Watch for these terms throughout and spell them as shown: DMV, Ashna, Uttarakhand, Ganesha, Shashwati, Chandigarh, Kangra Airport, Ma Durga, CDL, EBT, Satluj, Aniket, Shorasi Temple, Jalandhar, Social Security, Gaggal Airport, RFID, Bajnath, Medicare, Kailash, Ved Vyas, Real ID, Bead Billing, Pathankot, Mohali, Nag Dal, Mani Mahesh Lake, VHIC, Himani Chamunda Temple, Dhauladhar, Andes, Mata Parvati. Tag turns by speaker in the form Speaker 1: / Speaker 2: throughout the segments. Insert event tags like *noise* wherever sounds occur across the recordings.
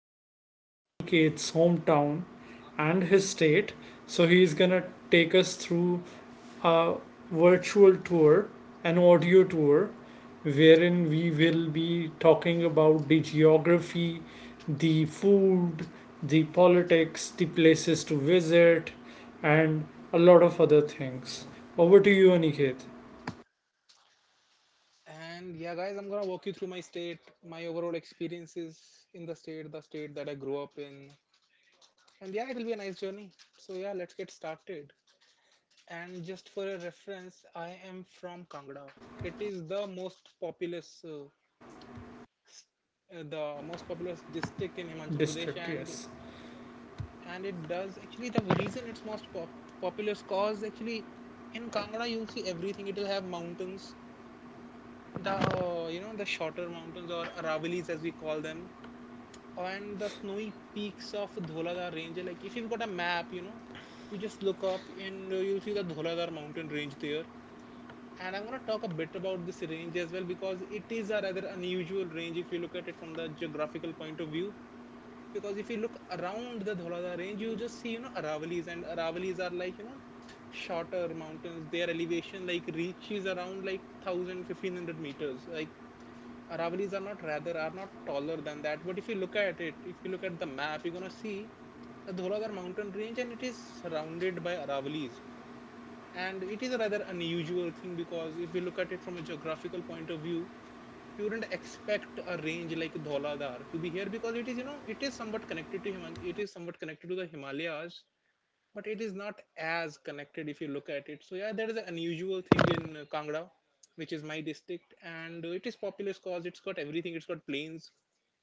Speaker 1: talk about Aniket's hometown and his state. So, he's gonna take us through a virtual tour, an audio tour, wherein we will be talking about the geography, the food, the politics, the places to visit, and a lot of other things. Over to you, Aniket.
Speaker 2: And yeah, guys, I'm gonna walk you through my state, my overall experiences in the state that I grew up in. And yeah, it'll be a nice journey. So yeah, let's get started. And just for a reference, I am from Kangra. It is the most populous district in Himachal Pradesh,
Speaker 1: District,
Speaker 2: and
Speaker 1: yes.
Speaker 2: and it does actually the reason it's most populous cause actually in Kangra, you'll see everything. It'll have mountains, the the shorter mountains, or Aravallis as we call them, and the snowy peaks of Dholadhar range. Like if you've got a map, you know, you just look up and you'll see the Dholadhar mountain range there. And I'm going to talk a bit about this range as well, because it is a rather unusual range if you look at it from the geographical point of view. Because if you look around the Dholadhar range, you just see, you know, Aravallis, and Aravallis are, like, you know, shorter mountains. Their elevation, like, reaches around like 1000 1500 meters, like Aravallis are not, rather are not, taller than that. But if you look at it, if you look at the map, you're gonna see the Dholagar mountain range, and it is surrounded by Aravallis. And it is a rather unusual thing, because if you look at it from a geographical point of view, you wouldn't expect a range like Dholadar to be here, because it is, you know, it is somewhat connected to Himan it is somewhat connected to the Himalayas, but it is not as connected if you look at it. So yeah, that is an unusual thing in Kangra, which is my district, and it is populous cause it's got everything. It's got plains,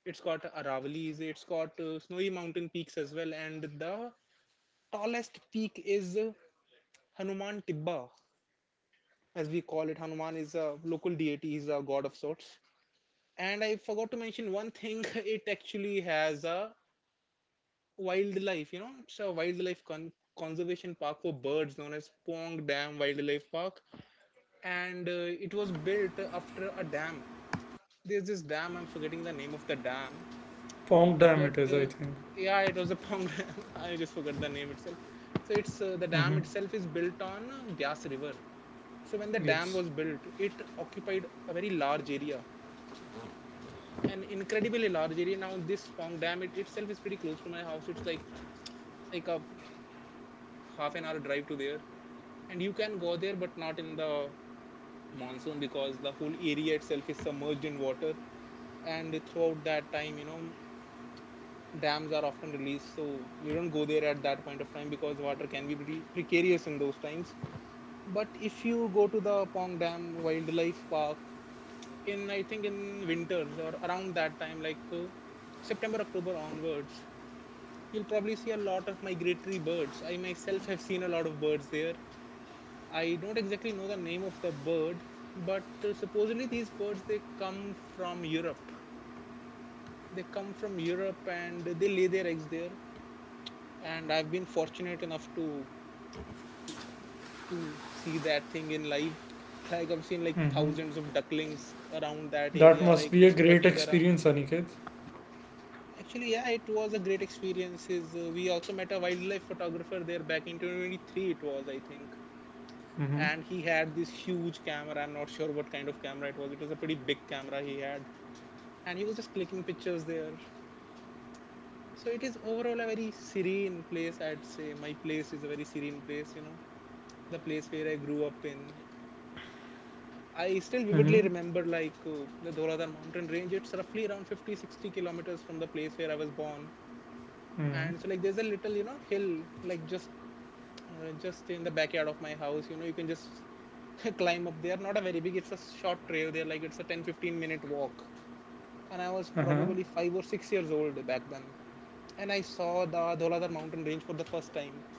Speaker 2: it's got Aravalis, it's got snowy mountain peaks as well, and the tallest peak is Hanuman Tibba, as we call it. Hanuman is a local deity, he's a god of sorts. And I forgot to mention one thing. *laughs* It actually has a wildlife. You know, it's a wildlife conservation park for birds known as Pong Dam Wildlife Park, and it was built after a dam. There's this dam. I'm forgetting the name of the dam,
Speaker 1: Pong Dam, it
Speaker 2: but
Speaker 1: is, I think.
Speaker 2: yeah, it was the Pong *laughs* Dam. I just forgot the name itself. So it's the
Speaker 1: Mm-hmm.
Speaker 2: dam itself is built on Bias River. So when the
Speaker 1: Yes.
Speaker 2: dam was built, it occupied a very large area, an incredibly large area. Now, this Pong Dam it itself is pretty close to my house. It's like a half an hour drive to there. And you can go there, but not in the monsoon, because the whole area itself is submerged in water. And throughout that time, you know, dams are often released, so we don't go there at that point of time, because water can be pretty precarious in those times. But if you go to the Pong Dam Wildlife Park in, I think in winters or around that time, like september october onwards, you'll probably see a lot of migratory birds. I myself have seen a lot of birds there. I don't exactly know the name of the bird, but supposedly these birds, they come from Europe. They come from Europe and they lay their eggs there. And I've been fortunate enough to see that thing in live. Like, I've seen like
Speaker 1: Mm-hmm.
Speaker 2: thousands of ducklings around that
Speaker 1: That
Speaker 2: area,
Speaker 1: must be
Speaker 2: like
Speaker 1: a
Speaker 2: just
Speaker 1: great
Speaker 2: quacking around.
Speaker 1: experience, Aniket.
Speaker 2: Actually, yeah, it was a great experience. Is We also met a wildlife photographer there back in 2023. It was, I think,
Speaker 1: Mm-hmm.
Speaker 2: and he had this huge camera. I'm not sure what kind of camera it was. It was a pretty big camera he had, and he was just clicking pictures there. So it is overall a very serene place, I'd say. My place is a very serene place, you know, the place where I grew up in. I still
Speaker 1: Mm-hmm.
Speaker 2: vividly remember, like the Dhauladhar mountain range. It's roughly around 50, 60 kilometers from the place where I was born.
Speaker 1: Mm-hmm.
Speaker 2: And so, like, there's a little, you know, hill, like just in the backyard of my house. You know, you can just *laughs* climb up there. Not a very big, it's a short trail there, like, it's a 10, 15 minute walk. And I was
Speaker 1: Uh-huh.
Speaker 2: probably 5 or 6 years old back then. And I saw the Dhauladhar mountain range for the first time.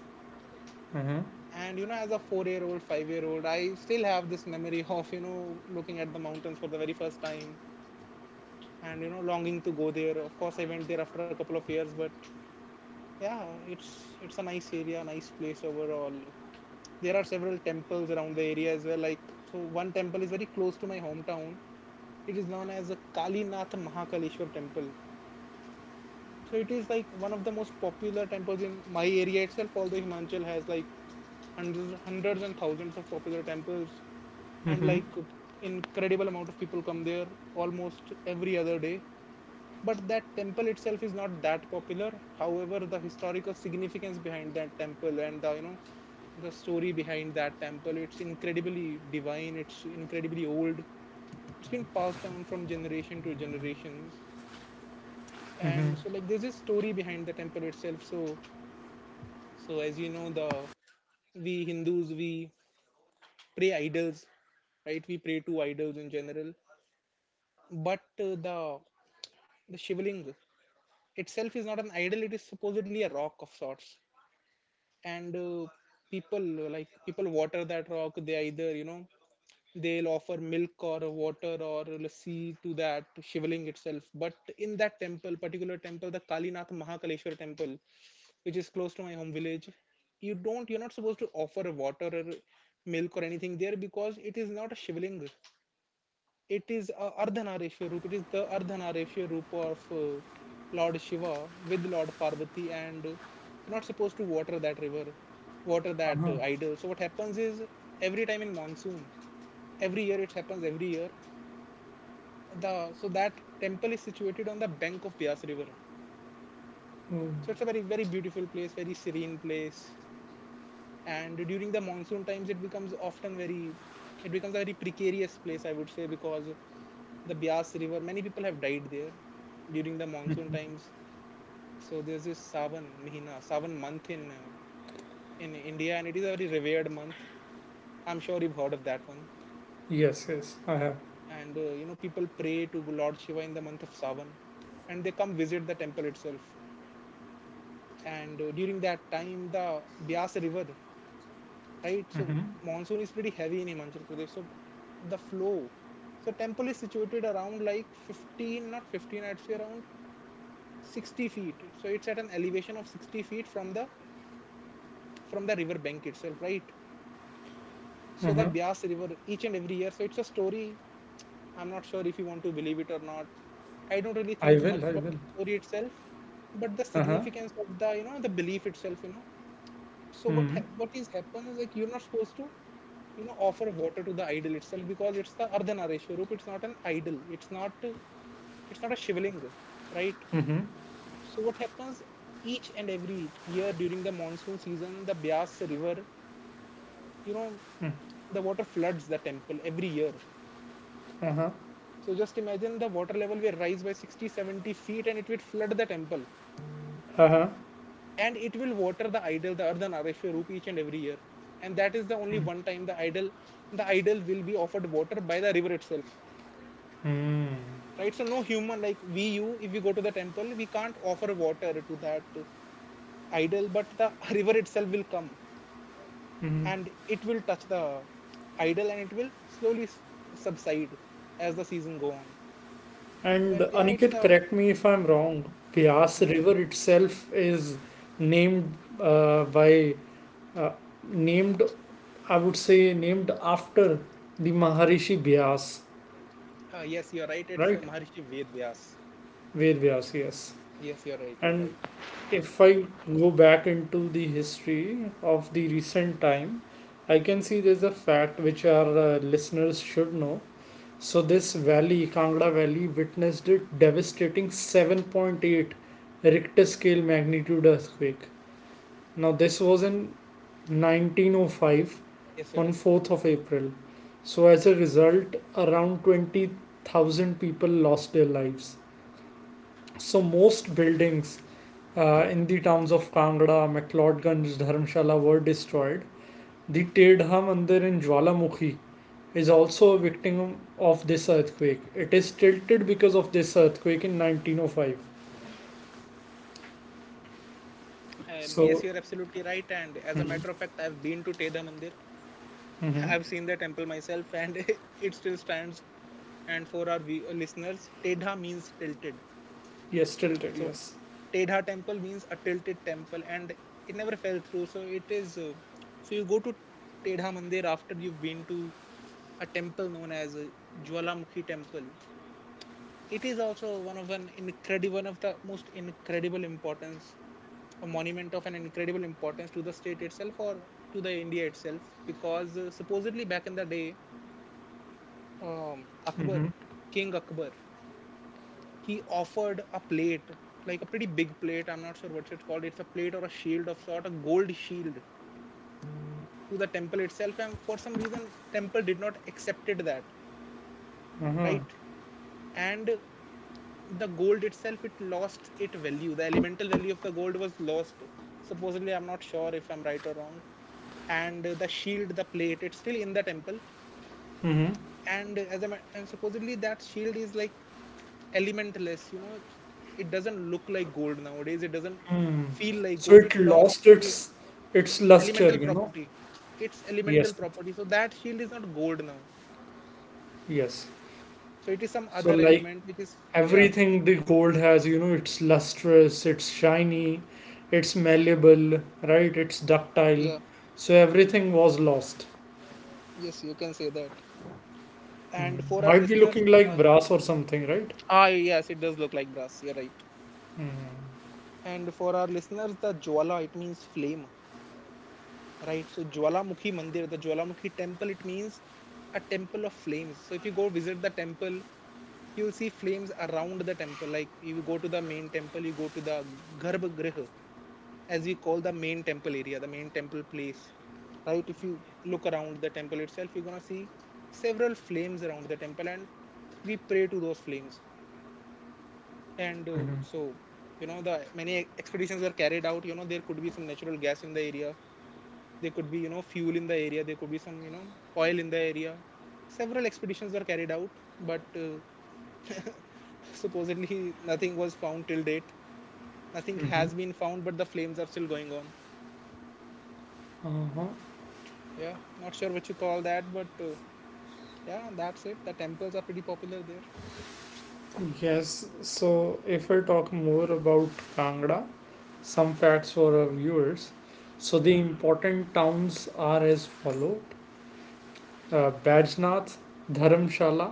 Speaker 1: Uh-huh.
Speaker 2: And you know, as a four-year-old, five-year-old, I still have this memory of, you know, looking at the mountains for the very first time, and you know, longing to go there. Of course, I went there after a couple of years, but yeah, it's a nice area, nice place overall. There are several temples around the area as well. Like, so, one temple is very close to my hometown. It is known as the Kalinath Mahakaleshwar Temple. So it is like one of the most popular temples in my area itself. Although Himachal has, like, hundreds, hundreds and thousands of popular temples, and,
Speaker 1: Mm-hmm.
Speaker 2: like, incredible amount of people come there almost every other day. But that temple itself is not that popular. However, the historical significance behind that temple, and the you know the story behind that temple, it's incredibly divine, it's incredibly old, it's been passed down from generation to generation.
Speaker 1: Mm-hmm.
Speaker 2: And so, like, there's a story behind the temple itself. So So as you know, the we Hindus, we pray idols, right? We pray to idols in general. But the Shivaling itself is not an idol; it is supposedly a rock of sorts. And people, water that rock. They either, you know, they'll offer milk or water or lassi to that Shivaling itself. But in that temple, particular temple, the Kalinath Mahakaleshwar temple, which is close to my home village, you don't, you're not supposed to offer water or milk or anything there, because it is not a shivling, it is the ardhanarishya roop of Lord Shiva with Lord Parvati. And you're not supposed to water that idol. So what happens is, every time in monsoon, every year, it happens every year, the so that temple is situated on the bank of Bias river.
Speaker 1: Oh.
Speaker 2: So it's a very, very beautiful place, very serene place. And during the monsoon times, it becomes a very precarious place, I would say, because the Bias river, many people have died there during the monsoon times. So there's this savan month in India, and it is a very revered month. I'm sure you've heard of that one.
Speaker 1: Yes, yes, I have.
Speaker 2: And people pray to Lord Shiva in the month of Savan, and they come visit the temple itself. And during that time, the Bias river, right? So
Speaker 1: Mm-hmm.
Speaker 2: monsoon is pretty heavy in Himachal Pradesh. So the flow. So temple is situated around like 15, not 15, I'd say around 60 feet. So it's at an elevation of 60 feet from the river bank itself, right? So the
Speaker 1: Mm-hmm.
Speaker 2: Bias River each and every year. So it's a story. I'm not sure if you want to believe it or not. I don't really
Speaker 1: I
Speaker 2: think
Speaker 1: will,
Speaker 2: much
Speaker 1: I
Speaker 2: about
Speaker 1: will.
Speaker 2: the story itself, but the
Speaker 1: Uh-huh.
Speaker 2: significance of the belief itself, you know. So
Speaker 1: Mm-hmm.
Speaker 2: what is happens, like, you're not supposed to, you know, offer water to the idol itself, because it's the Ardhanarishwarup. Swarup. It's not an idol. It's not a shivling, right?
Speaker 1: Mm-hmm.
Speaker 2: So what happens, each and every year during the monsoon season, the Bias River, you know, the water floods the temple every year.
Speaker 1: Uh-huh.
Speaker 2: So just imagine, the water level will rise by 60, 70 feet, and it will flood the temple.
Speaker 1: Uh-huh. Mm. Hmm. Mm hmm. Uh huh. Uh huh.
Speaker 2: And it will water the idol, the Ardhanarishwarup, Roop, each and every year. And that is the only one time the idol will be offered water by the river itself.
Speaker 1: Mm.
Speaker 2: Right? So no human, like, we you, if we go to the temple, we can't offer water to that idol, but the *laughs* river itself will come
Speaker 1: Mm.
Speaker 2: and it will touch the idol, and it will slowly subside as the season go on.
Speaker 1: And
Speaker 2: But yeah, it's
Speaker 1: Aniket,
Speaker 2: a
Speaker 1: correct me if I'm wrong. Vyas
Speaker 2: yeah,
Speaker 1: River itself is named by uh, named I would say named after the Maharishi Vyas,
Speaker 2: yes, you're right, it's
Speaker 1: right?
Speaker 2: Maharishi Ved Vyas.
Speaker 1: Ved Vyas, yes.
Speaker 2: Yes, you're right, you're
Speaker 1: And
Speaker 2: right.
Speaker 1: if I go back into the history of the recent time, I can see there's a fact which our listeners should know. So, this valley, Kangra Valley, witnessed a devastating 7.8 Richter scale magnitude earthquake. Now, this
Speaker 2: Yes, you're
Speaker 1: was
Speaker 2: right.
Speaker 1: in 1905 on 4th of April. So, as a result, around 20,000 people lost their lives. So, most buildings in the towns of Kangra, McLeodganj, Dharamshala were destroyed. The Tedha Mandir in Jwalamukhi is also a victim of this earthquake. It is tilted because of this earthquake in 1905.
Speaker 2: Yes,
Speaker 1: So.
Speaker 2: you're absolutely right, and as a
Speaker 1: Mhm.
Speaker 2: matter of fact, I've been to Teda Mandir. *laughs*
Speaker 1: Mhm.
Speaker 2: I've seen the temple myself and *laughs* it still stands. And for our listeners, teda means tilted.
Speaker 1: Yes, tilted,
Speaker 2: So
Speaker 1: yes.
Speaker 2: Tedha temple means a tilted temple, and it never fell through. So it is. So you go to Tedha Mandir after you've been to a temple known as Jwalamukhi Temple. It is also one of an incredible, one of the most incredible importance, a monument of an incredible importance to the state itself or to the India itself, because supposedly back in the day, um,
Speaker 1: Hmm.
Speaker 2: Akbar, King Akbar, he offered a plate, like a pretty big plate. I'm not sure what it's called. It's a plate or a shield of sort, a gold shield to the temple itself. And for some reason, temple did not accepted that,
Speaker 1: Hmm.
Speaker 2: right? And the gold itself, it lost its value. The elemental value of the gold was lost. Supposedly, I'm not sure if I'm right or wrong. And the shield, the plate, it's still in the temple.
Speaker 1: Hmm.
Speaker 2: And supposedly that shield is like elementless. It doesn't look like gold nowadays. It doesn't
Speaker 1: Mm.
Speaker 2: feel like
Speaker 1: So
Speaker 2: gold.
Speaker 1: it
Speaker 2: it lost
Speaker 1: lost
Speaker 2: it,
Speaker 1: its luster,
Speaker 2: elemental
Speaker 1: you know.
Speaker 2: property its
Speaker 1: Yes,
Speaker 2: elemental property So that shield is not gold now.
Speaker 1: yes.
Speaker 2: So it is some
Speaker 1: So,
Speaker 2: other
Speaker 1: like,
Speaker 2: element which is. Yeah,
Speaker 1: everything the gold has, it's lustrous, it's shiny, it's malleable, right, it's ductile,
Speaker 2: yeah,
Speaker 1: so everything was lost.
Speaker 2: yes, you can say that. And for
Speaker 1: Hmm,
Speaker 2: our
Speaker 1: might be
Speaker 2: listeners.
Speaker 1: looking like
Speaker 2: uh,
Speaker 1: brass or something, right?
Speaker 2: yes, it does look like brass. You're right. And for our listeners, the jwala, it means flame. Right? So jwalamukhi mandir the Jwalamukhi Temple, it means a temple of flames. So if you go visit the temple, you'll see flames around the temple. Like, you go to the main temple, you go to the Garbhagriha, as we call the main temple area, the main temple place. Right? If you look around the temple itself, you're gonna see several flames around the temple, and we pray to those flames. And uh,
Speaker 1: Mm-hmm.
Speaker 2: so, you know, the many expeditions were carried out. You know, there could be some natural gas in the area. There could be, fuel in the area. There could be some, oil in the area. Several expeditions were carried out, but supposedly *laughs* nothing was found till date. Nothing
Speaker 1: Mm-hmm.
Speaker 2: has been found, but the flames are still going on.
Speaker 1: Uh-huh.
Speaker 2: Yeah, not sure what you call that, but yeah, that's it. The temples are pretty popular there.
Speaker 1: Yes, so if I talk more about Kangra, some facts for our viewers. So the important towns are as follow: Bajnath, Dharamshala,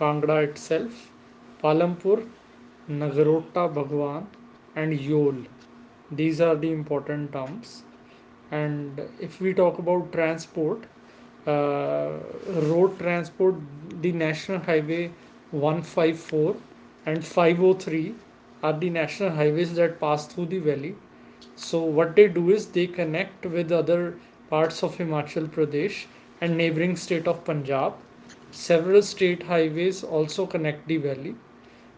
Speaker 1: Kangra itself, Palampur, Nagarota Bhagwan, and Yol. These are the important towns. And if we talk about transport, uh, road transport, the National Highway 154 and 503 are the national highways that pass through the valley. So, what they do is they connect with other parts of Himachal Pradesh and neighboring state of Punjab. Several state highways also connect the valley.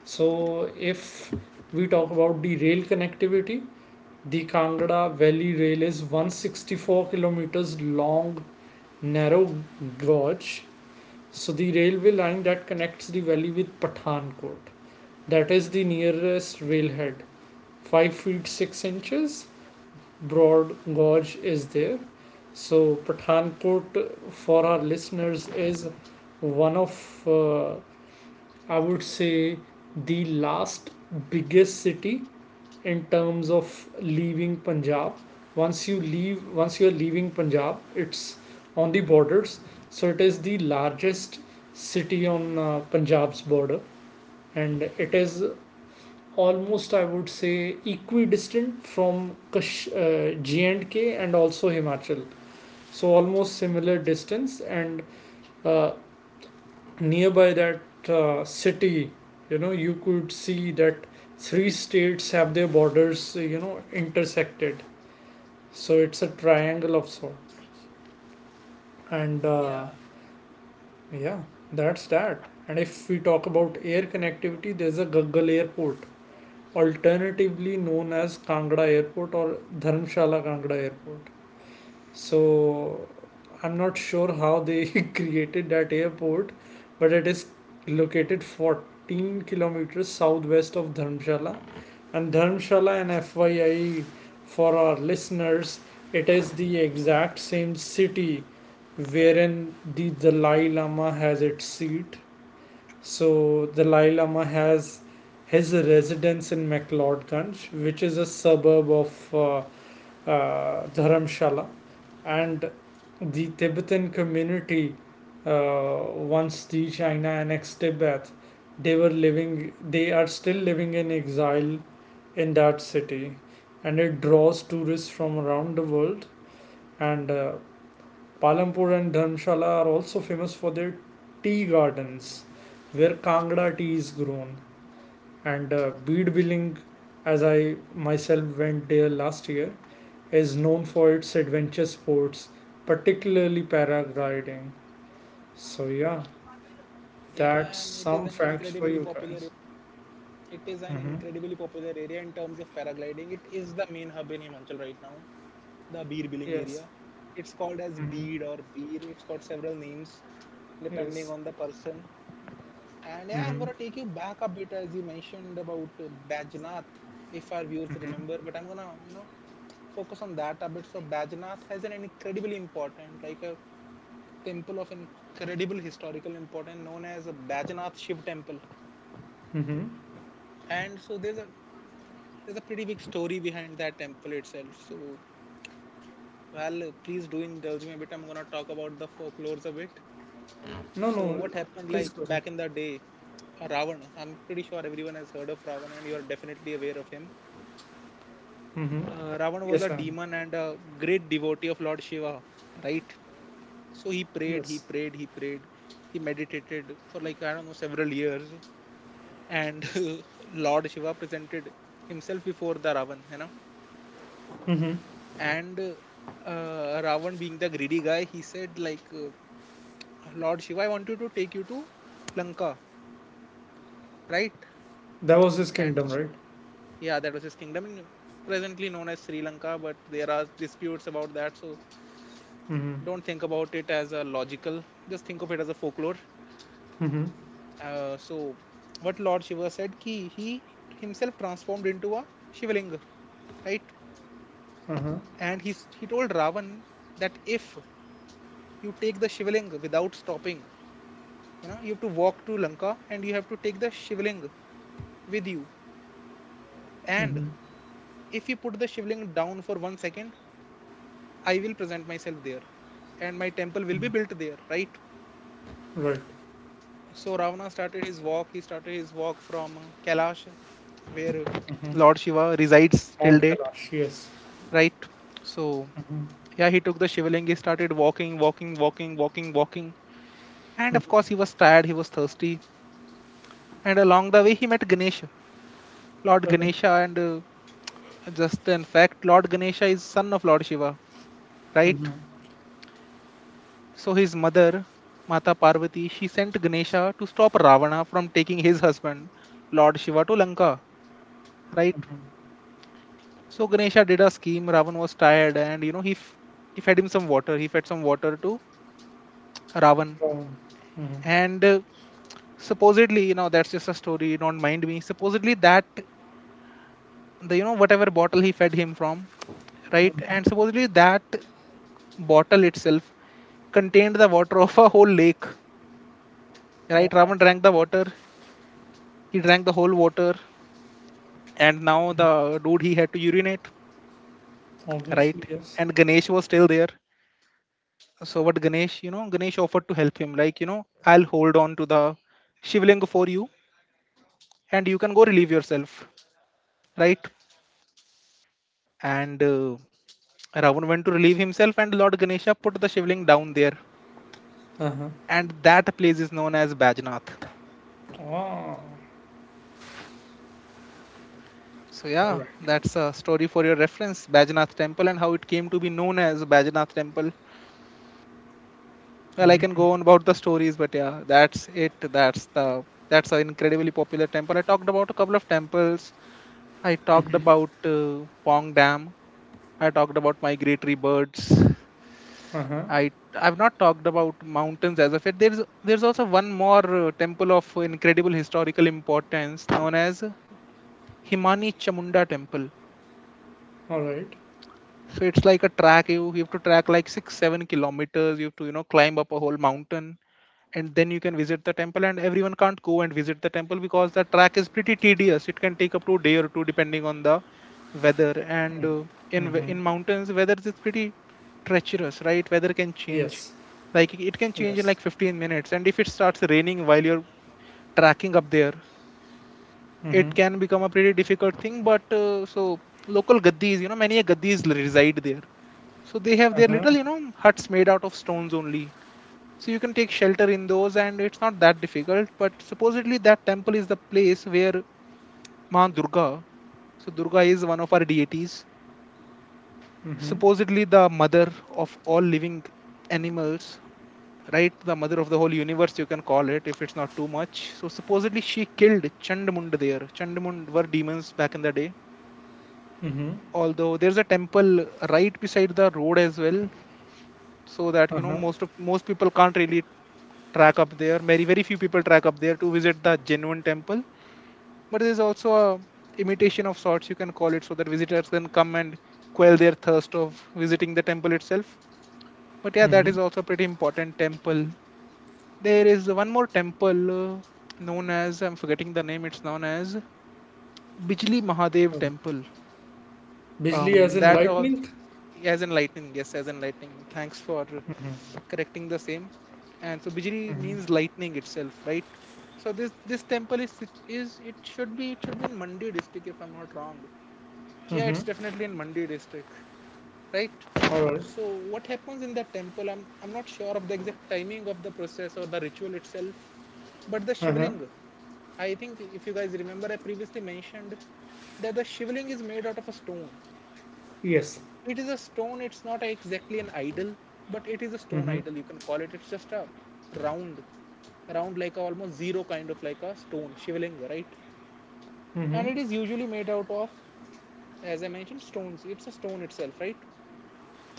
Speaker 1: So, if we talk about the rail connectivity, the Kangra Valley Rail is 164 kilometers long, narrow gauge. So, the railway line that connects the valley with Pathankot, that is the nearest railhead, 5 feet 6 inches broad gauge is there. So, Pathankot for our listeners is one of, I would say, the last biggest city in terms of leaving Punjab. Once you are leaving Punjab, it's on the borders. So it is the largest city on Punjab's border, and it is almost, I would say, equidistant from G&K and K and also Himachal. So almost similar distance, and uh, nearby that city, you could see that three states have their borders, intersected. So it's a triangle of sort, and yeah, that's that. And if we talk about air connectivity, there's a Gaggal airport, alternatively known as Kangra airport or Dharamshala Kangra airport. So I'm not sure how they *laughs* created that airport, but it is located 14 kilometers southwest of Dharamshala. And Dharamshala, and FYI for our listeners, it is the exact same city wherein the Dalai Lama has its seat. So Dalai Lama has his residence in McLeodganj, which is a suburb of Dharamshala, and the Tibetan community, once the China annexed Tibet, they are still living in exile in that city, and it draws tourists from around the world. And Palampur and Dharmshala are also famous for their tea gardens, where Kangra tea is grown. And Bead Billing, as I myself went there last year, is known for its adventure sports, particularly paragliding. So yeah,
Speaker 2: Yeah.
Speaker 1: that's
Speaker 2: It is
Speaker 1: some
Speaker 2: an
Speaker 1: facts for
Speaker 2: incredibly
Speaker 1: you
Speaker 2: popular
Speaker 1: guys.
Speaker 2: it is an
Speaker 1: Mm-hmm.
Speaker 2: incredibly popular area in terms of paragliding. It is the main hub in Himachal right now, the Beer Billing area.
Speaker 1: Yes.
Speaker 2: It's called as
Speaker 1: Mm-hmm.
Speaker 2: Bead or Beer. It's got several names depending
Speaker 1: Yes.
Speaker 2: on the person. And yeah, I'm
Speaker 1: Mm-hmm.
Speaker 2: gonna take you back a bit, as you mentioned about Bajnath. If our viewers
Speaker 1: Mm-hmm.
Speaker 2: remember, but I'm gonna focus on that a bit. So Bajanath has an incredibly important, like a temple of incredible historical importance, known as a Bajanath Shiv temple.
Speaker 1: Mm-hmm.
Speaker 2: And so there's a pretty big story behind that temple itself. So well, please do indulge me a bit. I'm gonna talk about the folklores a bit.
Speaker 1: No,
Speaker 2: So
Speaker 1: no.
Speaker 2: what happened like
Speaker 1: Please go ahead.
Speaker 2: back in the day? Ravana. I'm pretty sure everyone has heard of Ravana, and you're definitely aware of him.
Speaker 1: Mm-hmm.
Speaker 2: Ravana was a
Speaker 1: Yes, I am.
Speaker 2: demon and a great devotee of Lord Shiva, right? So he prayed, he
Speaker 1: Yes.
Speaker 2: prayed, he prayed, he meditated for like, I don't know, several years. And *laughs* Lord Shiva presented himself before the Ravan.
Speaker 1: Mm-hmm.
Speaker 2: And Ravan, being the greedy guy, he said, like, Lord Shiva, I want you to take you to Lanka, right?
Speaker 1: That was his
Speaker 2: And
Speaker 1: kingdom, right?
Speaker 2: yeah, that was his kingdom, presently known as Sri Lanka, but there are disputes about that. So
Speaker 1: Mm-hmm.
Speaker 2: don't think about it as a logical, just think of it as a folklore.
Speaker 1: Mm-hmm.
Speaker 2: So, what Lord Shiva said, ki he himself transformed into a Shivalinga, right?
Speaker 1: Uh-huh.
Speaker 2: And he told Ravan that if you take the Shivalinga without stopping, you know, you have to walk to Lanka and you have to take the Shivalinga with you. And
Speaker 1: Mm-hmm.
Speaker 2: if you put the Shivalinga down for 1 second, I will present myself there, and my temple will be
Speaker 1: Mm-hmm.
Speaker 2: built there, right?
Speaker 1: Right.
Speaker 2: So Ravana started his walk. He started his walk from Kailash, where
Speaker 1: Mm-hmm.
Speaker 2: Lord Shiva resides till
Speaker 1: Mount
Speaker 2: date.
Speaker 1: Kailash. Yes.
Speaker 2: Right? So
Speaker 1: Mm-hmm.
Speaker 2: yeah, he took the shivling. He started walking, walking, walking, walking, walking, and of course he was tired. He was thirsty, and along the way he met Ganesha, Lord
Speaker 1: Uh-huh.
Speaker 2: Ganesha, and just in fact, Lord Ganesha is son of Lord Shiva, right?
Speaker 1: Mm-hmm.
Speaker 2: So his mother, Mata Parvati, she sent Ganesha to stop Ravana from taking his husband, Lord Shiva, to Lanka, right? So Ganesha did a scheme. Ravan was tired, and he he fed him some water. He fed some water to Ravan,
Speaker 1: Um, hmm.
Speaker 2: and supposedly, that's just a story, don't mind me, supposedly that, the whatever bottle he fed him from, right? And supposedly, that bottle itself contained the water of a whole lake,
Speaker 1: Oh,
Speaker 2: right?
Speaker 1: oh,
Speaker 2: Ravan drank the water. He drank the whole water. And now the dude, he had to urinate,
Speaker 1: obviously,
Speaker 2: right?
Speaker 1: yes.
Speaker 2: And Ganesh was still there. So what Ganesh, Ganesh offered to help him, like, I'll hold on to the shivling for you, and you can go relieve yourself, right? And Ravan went to relieve himself, and Lord Ganesha put the shivling down there. And that place is known as Bajnath.
Speaker 1: Oh,
Speaker 2: So,
Speaker 1: all
Speaker 2: yeah,
Speaker 1: right.
Speaker 2: that's a story for your reference, Bajnath Temple, and how it came to be known as Bajnath Temple. Well, I can go on about the stories, but yeah, that's it. That's the that's an incredibly popular temple. I talked about a couple of temples. I talked about Pong Dam. I talked about migratory birds.
Speaker 1: Uh huh.
Speaker 2: I've not talked about mountains as of yet. There's also one more temple of incredible historical importance, known as Himani Chamunda Temple.
Speaker 1: All right.
Speaker 2: So it's like a track, you have to track like 6-7 kilometers. You have to climb up a whole mountain. And then you can visit the temple, and everyone can't go and visit the temple because the track is pretty tedious. It can take up to a day or two, depending on the weather. And in mountains weather is pretty treacherous. Right? Weather can change.
Speaker 1: Yes.
Speaker 2: Like, it can change in
Speaker 1: Yes.
Speaker 2: like 15 minutes, and if it starts raining while you're tracking up there,
Speaker 1: Mm-hmm.
Speaker 2: it can become a pretty difficult thing. But uh, so local gaddis, many a gaddis reside there, so they have
Speaker 1: Uh
Speaker 2: their
Speaker 1: huh.
Speaker 2: little huts made out of stones only. So you can take shelter in those, and it's not that difficult. But supposedly, that temple is the place where Ma Durga, so Durga is one of our deities,
Speaker 1: Mm-hmm.
Speaker 2: supposedly the mother of all living animals, right? The mother of the whole universe, you can call it if it's not too much. So supposedly, she killed Chandamund there. Chandamund were demons back in the day.
Speaker 1: Mm-hmm.
Speaker 2: Although there's a temple right beside the road as well, so that
Speaker 1: Uh huh.
Speaker 2: most people can't really track up there. Very very few people track up there to visit the genuine temple, but it is also a imitation of sorts, you can call it, so that visitors can come and quell their thirst of visiting the temple itself. But yeah, that
Speaker 1: Mm-hmm.
Speaker 2: is also a pretty important temple. There is one more temple known as, I'm forgetting the name, it's known as Bijli Mahadev
Speaker 1: Okay.
Speaker 2: Temple.
Speaker 1: Bijli as in
Speaker 2: That all
Speaker 1: lightning.
Speaker 2: As enlightening. Yes, as enlightening. Thanks for
Speaker 1: Mm-hmm.
Speaker 2: correcting the same. And so bijli
Speaker 1: Mm-hmm.
Speaker 2: means lightning itself, right? So this temple is it should be in Mandi district, if I'm not wrong. Yeah, it's
Speaker 1: Mm-hmm.
Speaker 2: definitely in Mandi district, right?
Speaker 1: All right.
Speaker 2: So what happens in that temple? I'm not sure of the exact timing of the process or the ritual itself, but the
Speaker 1: Uh huh.
Speaker 2: shivling. I think if you guys remember, I previously mentioned that the shivling is made out of a stone.
Speaker 1: Yes.
Speaker 2: It is a stone. It's not exactly an idol, but it is a stone
Speaker 1: Mm-hmm.
Speaker 2: idol, you can call it. It's just a round, round like a almost zero kind of like a stone shivling, right? And
Speaker 1: Mm-hmm.
Speaker 2: it is usually made out of, as I mentioned, stones. It's a stone itself, right?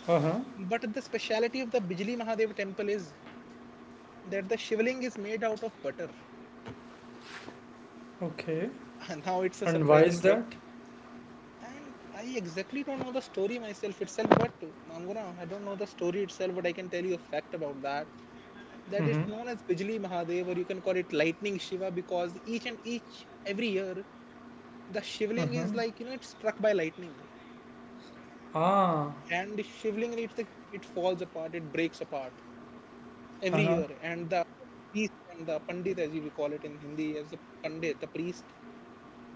Speaker 1: Uh huh.
Speaker 2: But the speciality of the Bijli Mahadev temple is that the shivling is made out of butter.
Speaker 1: Okay.
Speaker 2: *laughs* now it's a
Speaker 1: And why
Speaker 2: surprising
Speaker 1: is
Speaker 2: fact.
Speaker 1: that?
Speaker 2: And I exactly don't know the story myself itself, but I'm gonna, I don't know the story itself, but I can tell you a fact about that. That it's
Speaker 1: Mm-hmm.
Speaker 2: known as Bijli Mahadev, or you can call it Lightning Shiva, because every year, the shivling
Speaker 1: Uh-huh.
Speaker 2: is like, you know, it's struck by lightning.
Speaker 1: Ah.
Speaker 2: And the shivling, it's like, it falls apart, it breaks apart. Every
Speaker 1: Uh huh.
Speaker 2: year. And the priest and the pandit, as we call it in Hindi, as the pandit, the priest,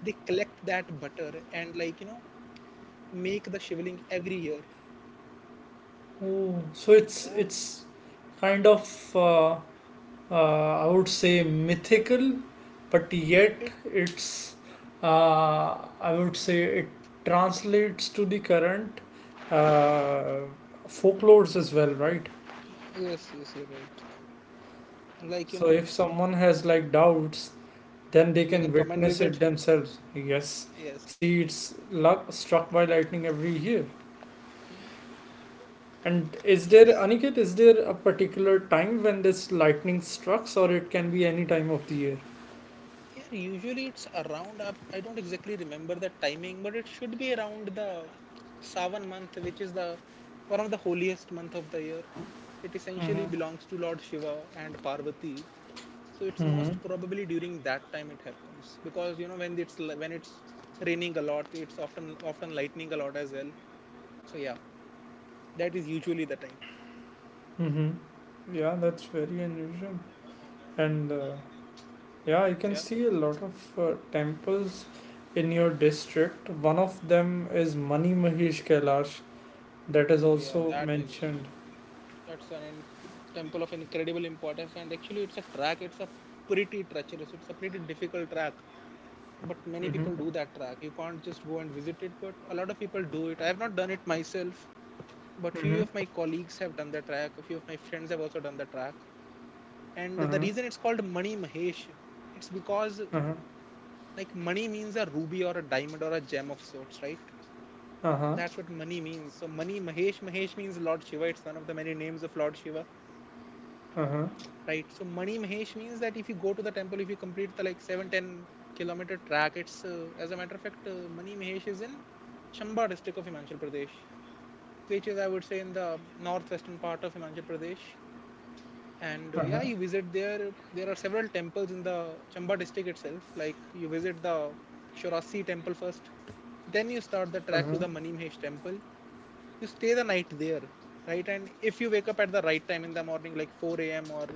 Speaker 2: they collect that butter and like make the shivling every year.
Speaker 1: Oh. So
Speaker 2: So
Speaker 1: it's
Speaker 2: yeah,
Speaker 1: it's kind of I would say mythical, but yet
Speaker 2: it
Speaker 1: it's I would say it translates to the current uh, folklores as well, right?
Speaker 2: yes, yes, you're right. Like you
Speaker 1: So
Speaker 2: know
Speaker 1: if someone has like doubts, then they
Speaker 2: they can
Speaker 1: can
Speaker 2: come and
Speaker 1: witness
Speaker 2: visit.
Speaker 1: it themselves. Yes,
Speaker 2: Yes
Speaker 1: see, it's luck struck by lightning every year. And is there,
Speaker 2: yes.
Speaker 1: Aniket? Is there a particular time when this lightning strikes, or it can be any time of the year?
Speaker 2: Yeah, usually it's around. I don't exactly remember the timing, but it should be around the Savan month, which is the one of the holiest month of the year. It essentially belongs to Lord Shiva and Parvati, so it's most probably during that time it happens because you know when it's raining a lot it's often lightning a lot as well, so yeah, that is usually the time.
Speaker 1: Mm-hmm. Yeah, that's very unusual. And
Speaker 2: Yeah.
Speaker 1: yeah, I can see a lot of temples in your district. One of them is Mani Mahesh Kailash, that is
Speaker 2: Oh yeah,
Speaker 1: also
Speaker 2: that is
Speaker 1: mentioned.
Speaker 2: that's an inc- temple of incredible importance, and actually it's a pretty treacherous, it's a pretty difficult track, but many people do
Speaker 1: Mm-hmm.
Speaker 2: that track. You can't just go and visit it, but a lot of people do it. I have not done it myself, but few of
Speaker 1: Mm-hmm.
Speaker 2: my colleagues have done the track, a few of my friends have also done the track. And the
Speaker 1: Uh-huh.
Speaker 2: reason it's called Mani Mahesh, it's because
Speaker 1: Uh-huh.
Speaker 2: like money means a ruby or a diamond or a gem of sorts, right?
Speaker 1: Uh-huh.
Speaker 2: That's what money means. So Mani Mahesh. Mahesh means Lord Shiva. It's one of the many names of Lord Shiva,
Speaker 1: Uh-huh.
Speaker 2: right? So Mani Mahesh means that if you go to the temple, if you complete the like seven ten kilometer track, it's as a matter of fact, Mani Mahesh is in Chamba district of Himachal Pradesh, which is I would say in the northwestern part of Himachal Pradesh. And yeah,
Speaker 1: Uh-huh.
Speaker 2: you visit there, there are several temples in the Chamba district itself. Like you visit the Shorasi temple first, then you start the trek to
Speaker 1: Uh-huh.
Speaker 2: the Manimhesh temple, you stay the night there, right? And if you wake up at the right time in the morning, like 4 a.m. or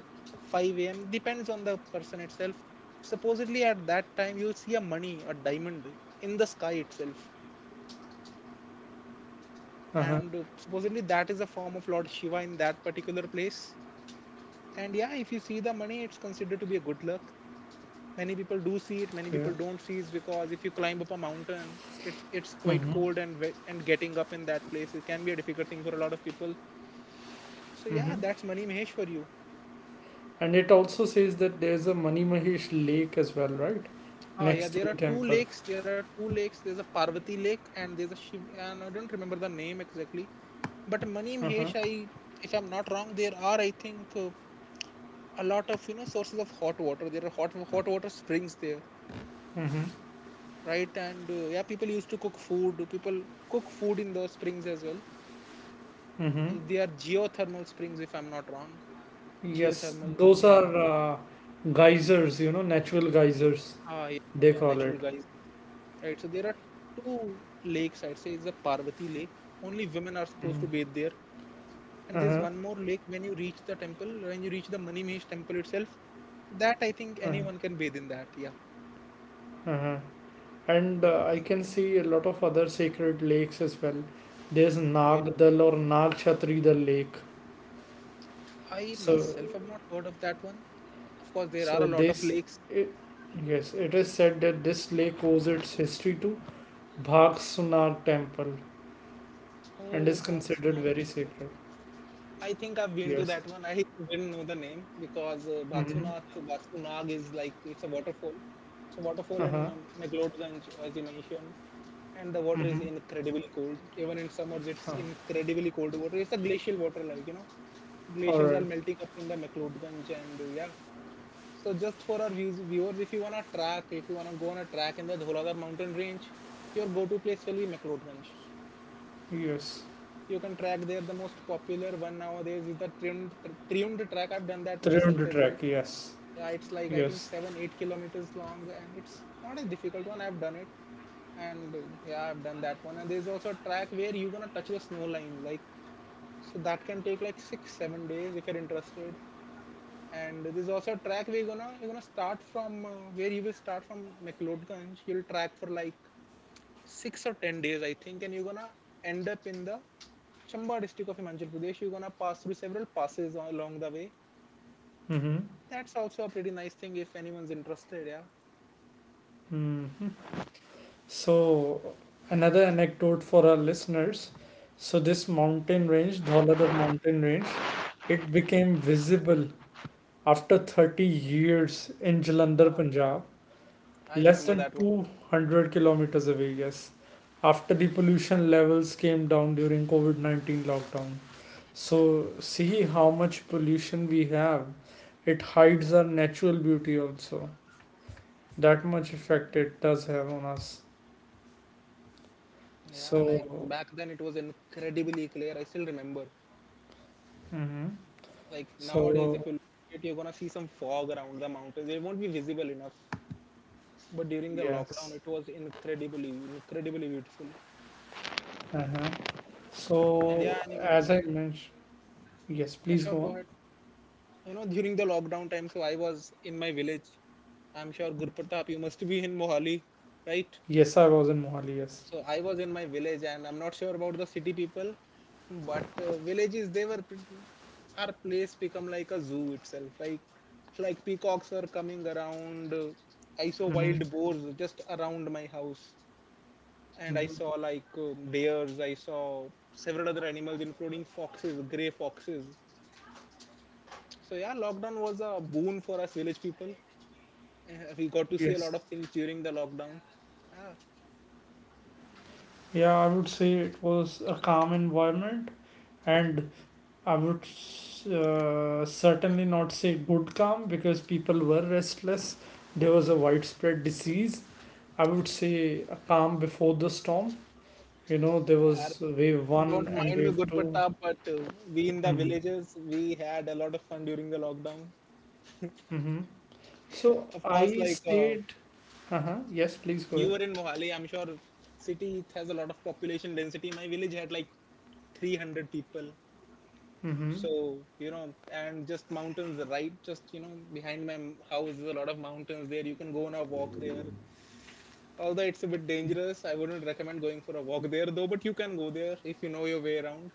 Speaker 2: 5 a.m., depends on the person itself, supposedly at that time you see a money, a diamond in the sky itself.
Speaker 1: Uh-huh.
Speaker 2: And supposedly that is a form of Lord Shiva in that particular place. And yeah, if you see the money, it's considered to be a good luck. Many people do see it, many
Speaker 1: Okay.
Speaker 2: people don't see it, because if you climb up a mountain, it's
Speaker 1: Mm-hmm.
Speaker 2: quite cold and wet, and getting up in that place it can be a difficult thing for a lot of people. So yeah,
Speaker 1: Mm-hmm.
Speaker 2: that's Mani Mahesh for you.
Speaker 1: And it also says that there's a Mani Mahesh lake as well, right?
Speaker 2: Oh
Speaker 1: Next
Speaker 2: yeah,
Speaker 1: to the
Speaker 2: there are two
Speaker 1: temple.
Speaker 2: lakes there are two lakes There's a Parvati lake and there's a Shiv, and I don't remember the name exactly, but Mani
Speaker 1: Uh-huh.
Speaker 2: Mahesh, I, if I'm not wrong, there are I think a lot of, you know, sources of hot water. There are hot water springs there,
Speaker 1: Mm-hmm.
Speaker 2: right? And yeah, people used to cook food, people cook food in those springs as well.
Speaker 1: Mm-hmm.
Speaker 2: They are geothermal springs, if I'm not wrong.
Speaker 1: Yes,
Speaker 2: Geothermal,
Speaker 1: those are
Speaker 2: yeah.
Speaker 1: geysers, natural geysers,
Speaker 2: Ah, yeah,
Speaker 1: they
Speaker 2: yeah,
Speaker 1: call it.
Speaker 2: natural guys. Right. So there are two lakes. I'd say it's a Parvati Lake. Only women are supposed
Speaker 1: Mm.
Speaker 2: to bathe there. And there's
Speaker 1: Uh-huh.
Speaker 2: one more lake when you reach the temple, when you reach the Manimesh temple itself. That I think
Speaker 1: Uh-huh.
Speaker 2: anyone can bathe in that. Yeah.
Speaker 1: Uh-huh. And I
Speaker 2: Hmm.
Speaker 1: can see a lot of other sacred lakes as well. There's
Speaker 2: Oh yeah.
Speaker 1: Nag Dal or Nag Chatri Dal Lake.
Speaker 2: I
Speaker 1: So,
Speaker 2: myself have not heard of that one. Of course, there are
Speaker 1: so
Speaker 2: a lot of lakes.
Speaker 1: it, yes, it is said that this lake owes its history to Bhag Sunag temple and is
Speaker 2: Oh,
Speaker 1: considered
Speaker 2: Bhatsanath
Speaker 1: very
Speaker 2: temple.
Speaker 1: sacred.
Speaker 2: I think I've been to
Speaker 1: Yes.
Speaker 2: that one. I didn't know the name because
Speaker 1: Mm-hmm.
Speaker 2: Basunath, Basunag is like, it's a waterfall. It's a waterfall
Speaker 1: Uh-huh.
Speaker 2: in McLeodganj, as you mentioned, and the water
Speaker 1: Mm-hmm.
Speaker 2: is incredibly cold. Even in summers, it's incredibly cold water. It's a glacial water, like you know,
Speaker 1: All
Speaker 2: glaciers are
Speaker 1: right.
Speaker 2: melting up in the McLeodganj, and yeah. So just for our viewers, if you wanna track, if you wanna go on a track in the Dholadar mountain range, your go-to place will be McLeodganj.
Speaker 1: Yes.
Speaker 2: You can track there. The most popular one nowadays is the trimmed track. I've done that
Speaker 1: 32
Speaker 2: myself as well.
Speaker 1: track, yes,
Speaker 2: Yeah, it's like I think
Speaker 1: yes.
Speaker 2: seven, 8 kilometers long, and it's not a difficult one. I've done it, and yeah, I've done that one. And there's also a track where you're gonna touch the snow line, like, so that can take like six, 7 days if you're interested. And there's also a track where you're gonna start from where you will start from McLeodganj. You'll track for like 6 or 10 days, I think, and you're gonna end up in the Chamba district of Himachal Pradesh. You're gonna pass through several passes along the way.
Speaker 1: Mm-hmm.
Speaker 2: That's also a pretty nice thing if anyone's interested. Yeah.
Speaker 1: Mm-hmm. So another anecdote for our listeners. So this mountain range, Dhauladhar mountain range, it became visible after 30 years in Jalandhar,
Speaker 2: uh,
Speaker 1: Punjab,
Speaker 2: I
Speaker 1: less
Speaker 2: remember
Speaker 1: than
Speaker 2: that one.
Speaker 1: 200 kilometers away, yes, after the pollution levels came down during COVID-19 lockdown. So see how much pollution we have. It hides our natural beauty also. That much effect it does have on us.
Speaker 2: Yeah, like
Speaker 1: So.
Speaker 2: back then it was incredibly clear. I still remember.
Speaker 1: Hmm.
Speaker 2: Like nowadays,
Speaker 1: So,
Speaker 2: if you look at it, you're gonna see some fog around the mountains. They won't be visible enough. But during the lockdown,
Speaker 1: yes,
Speaker 2: it was incredibly, incredibly beautiful.
Speaker 1: uh-huh.
Speaker 2: And
Speaker 1: So
Speaker 2: yeah, anyone, you
Speaker 1: as
Speaker 2: know,
Speaker 1: I mentioned, yes,
Speaker 2: yeah,
Speaker 1: please
Speaker 2: sure,
Speaker 1: go
Speaker 2: go
Speaker 1: on.
Speaker 2: ahead. You know, during the lockdown time, so I was in my village. I'm sure Gurpratap, you must be in Mohali, right?
Speaker 1: Yes, I was in Mohali. Yes.
Speaker 2: So I was in my village, and I'm not sure about the city people, but villages, our place become like a zoo itself, like peacocks were coming around, I saw
Speaker 1: Mm-hmm.
Speaker 2: wild boars just around my house, and I saw
Speaker 1: Mm-hmm.
Speaker 2: like deers, I saw several other animals including foxes, gray foxes. So yeah, lockdown was a boon for us village people. We got to see a
Speaker 1: Yes.
Speaker 2: lot of things during the lockdown. Yeah.
Speaker 1: Yeah, I would say it was a calm environment, and I would certainly not say good calm because people were restless. There was a widespread disease. I would say a calm before the storm. There was wave one
Speaker 2: Don't
Speaker 1: and
Speaker 2: mind me,
Speaker 1: wave
Speaker 2: good
Speaker 1: 2.
Speaker 2: Gurpatap, but we in the
Speaker 1: Mm-hmm.
Speaker 2: villages, we had a lot of fun during the lockdown.
Speaker 1: Mm-hmm. So
Speaker 2: Of course,
Speaker 1: I
Speaker 2: like,
Speaker 1: stayed. Uh-huh. Yes, please go
Speaker 2: you
Speaker 1: ahead.
Speaker 2: were in Mohali, I'm sure, city it has a lot of population density. My village had like 300 people.
Speaker 1: Mm-hmm.
Speaker 2: So, you know, and just mountains, right? Just, you know, behind my house is a lot of mountains there. You can go on a walk there. Although it's a bit dangerous, I wouldn't recommend going for a walk there though, but you can go there if you know your way around.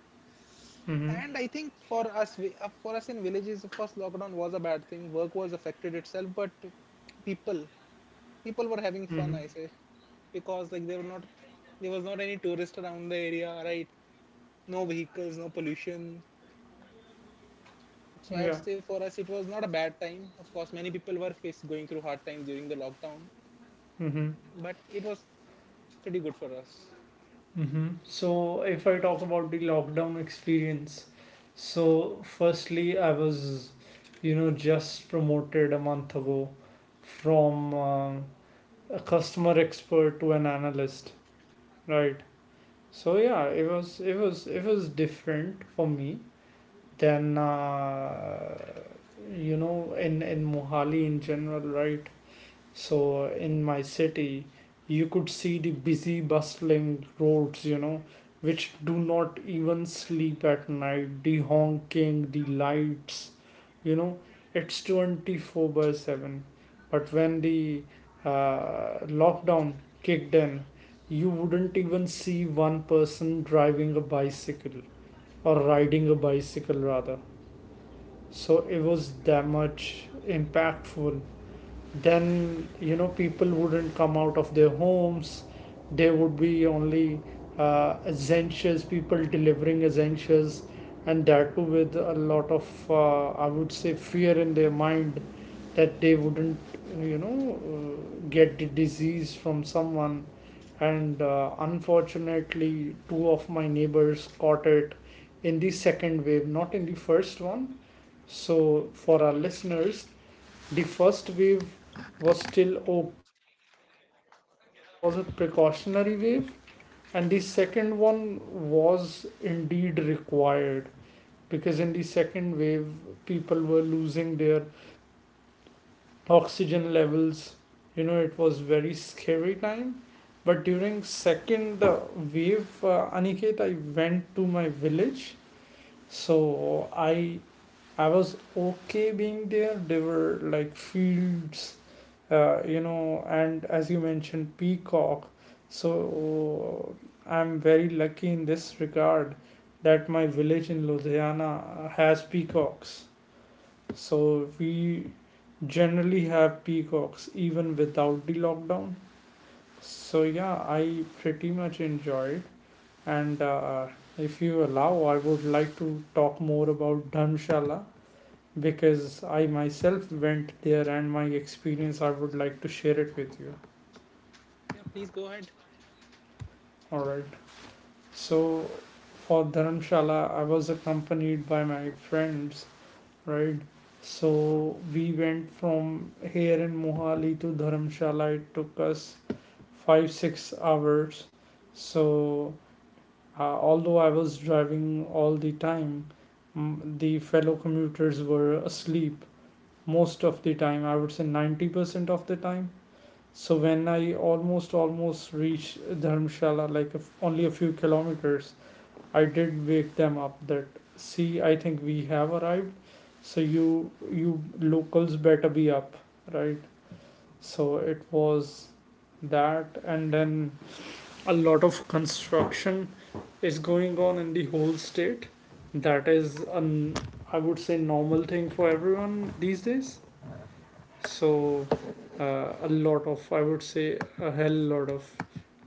Speaker 1: Mm-hmm.
Speaker 2: And I think for us, for us in villages the first lockdown was a bad thing, work was affected itself, but people people were having fun
Speaker 1: Mm-hmm.
Speaker 2: I say, because like they were not there was not any tourist around the area, right? No vehicles, no pollution. So I'd
Speaker 1: Yeah.
Speaker 2: say for us it was not a bad time. Of course, many people were faced going through hard times during the lockdown,
Speaker 1: Mm-hmm.
Speaker 2: but it was pretty good for us.
Speaker 1: Mm-hmm. So if I talk
Speaker 2: Yeah.
Speaker 1: about the lockdown experience, so firstly, I was, just promoted a month ago from a customer expert to an analyst, right? So yeah, it was different for me. Then, in Mohali in general, right? So, in my city, you could see the busy, bustling roads, which do not even sleep at night. The honking, the lights, you know, it's 24 by 7. But when the lockdown kicked in, you wouldn't even see one person driving a bicycle or riding a bicycle rather. So it was that much impactful. Then, people wouldn't come out of their homes. There would be only essentials, people delivering essentials, and that too with a lot of I would say fear in their mind, that they wouldn't get the disease from someone. And unfortunately, two of my neighbors caught it in the second wave, not in the first one. So, for our listeners, the first wave was still okayish. I would say it was a precautionary wave, and the second one was indeed required because in the second wave, people were losing their oxygen levels. It was very scary time. But during second wave, Aniket, I went to my village. So I was okay being there. There were like fields, and as you mentioned, peacock. So I'm very lucky in this regard that my village in Ludhiana has peacocks. So we generally have peacocks even without the lockdown. So yeah, I pretty much enjoyed. And if you allow, I would like to talk more about Dhanshala because I myself went there and my experience I would like to share it with you.
Speaker 2: Yeah, please go ahead.
Speaker 1: Alright. So for Dharamshala I was accompanied by my friends, right? So we went from here in Mohali to Dharamshala. It took us five, 6 hours. So although I was driving all the time, the fellow commuters were asleep most of the time. I would say 90% of the time. So when I almost reached Dharamshala, like a f only a few kilometers, I did wake them up that see, I think we have arrived. So you locals better be up, right? So it was that, and then a lot of construction is going on in the whole state. That is an, I would say, normal thing for everyone these days, so a lot of, I would say, a hell lot of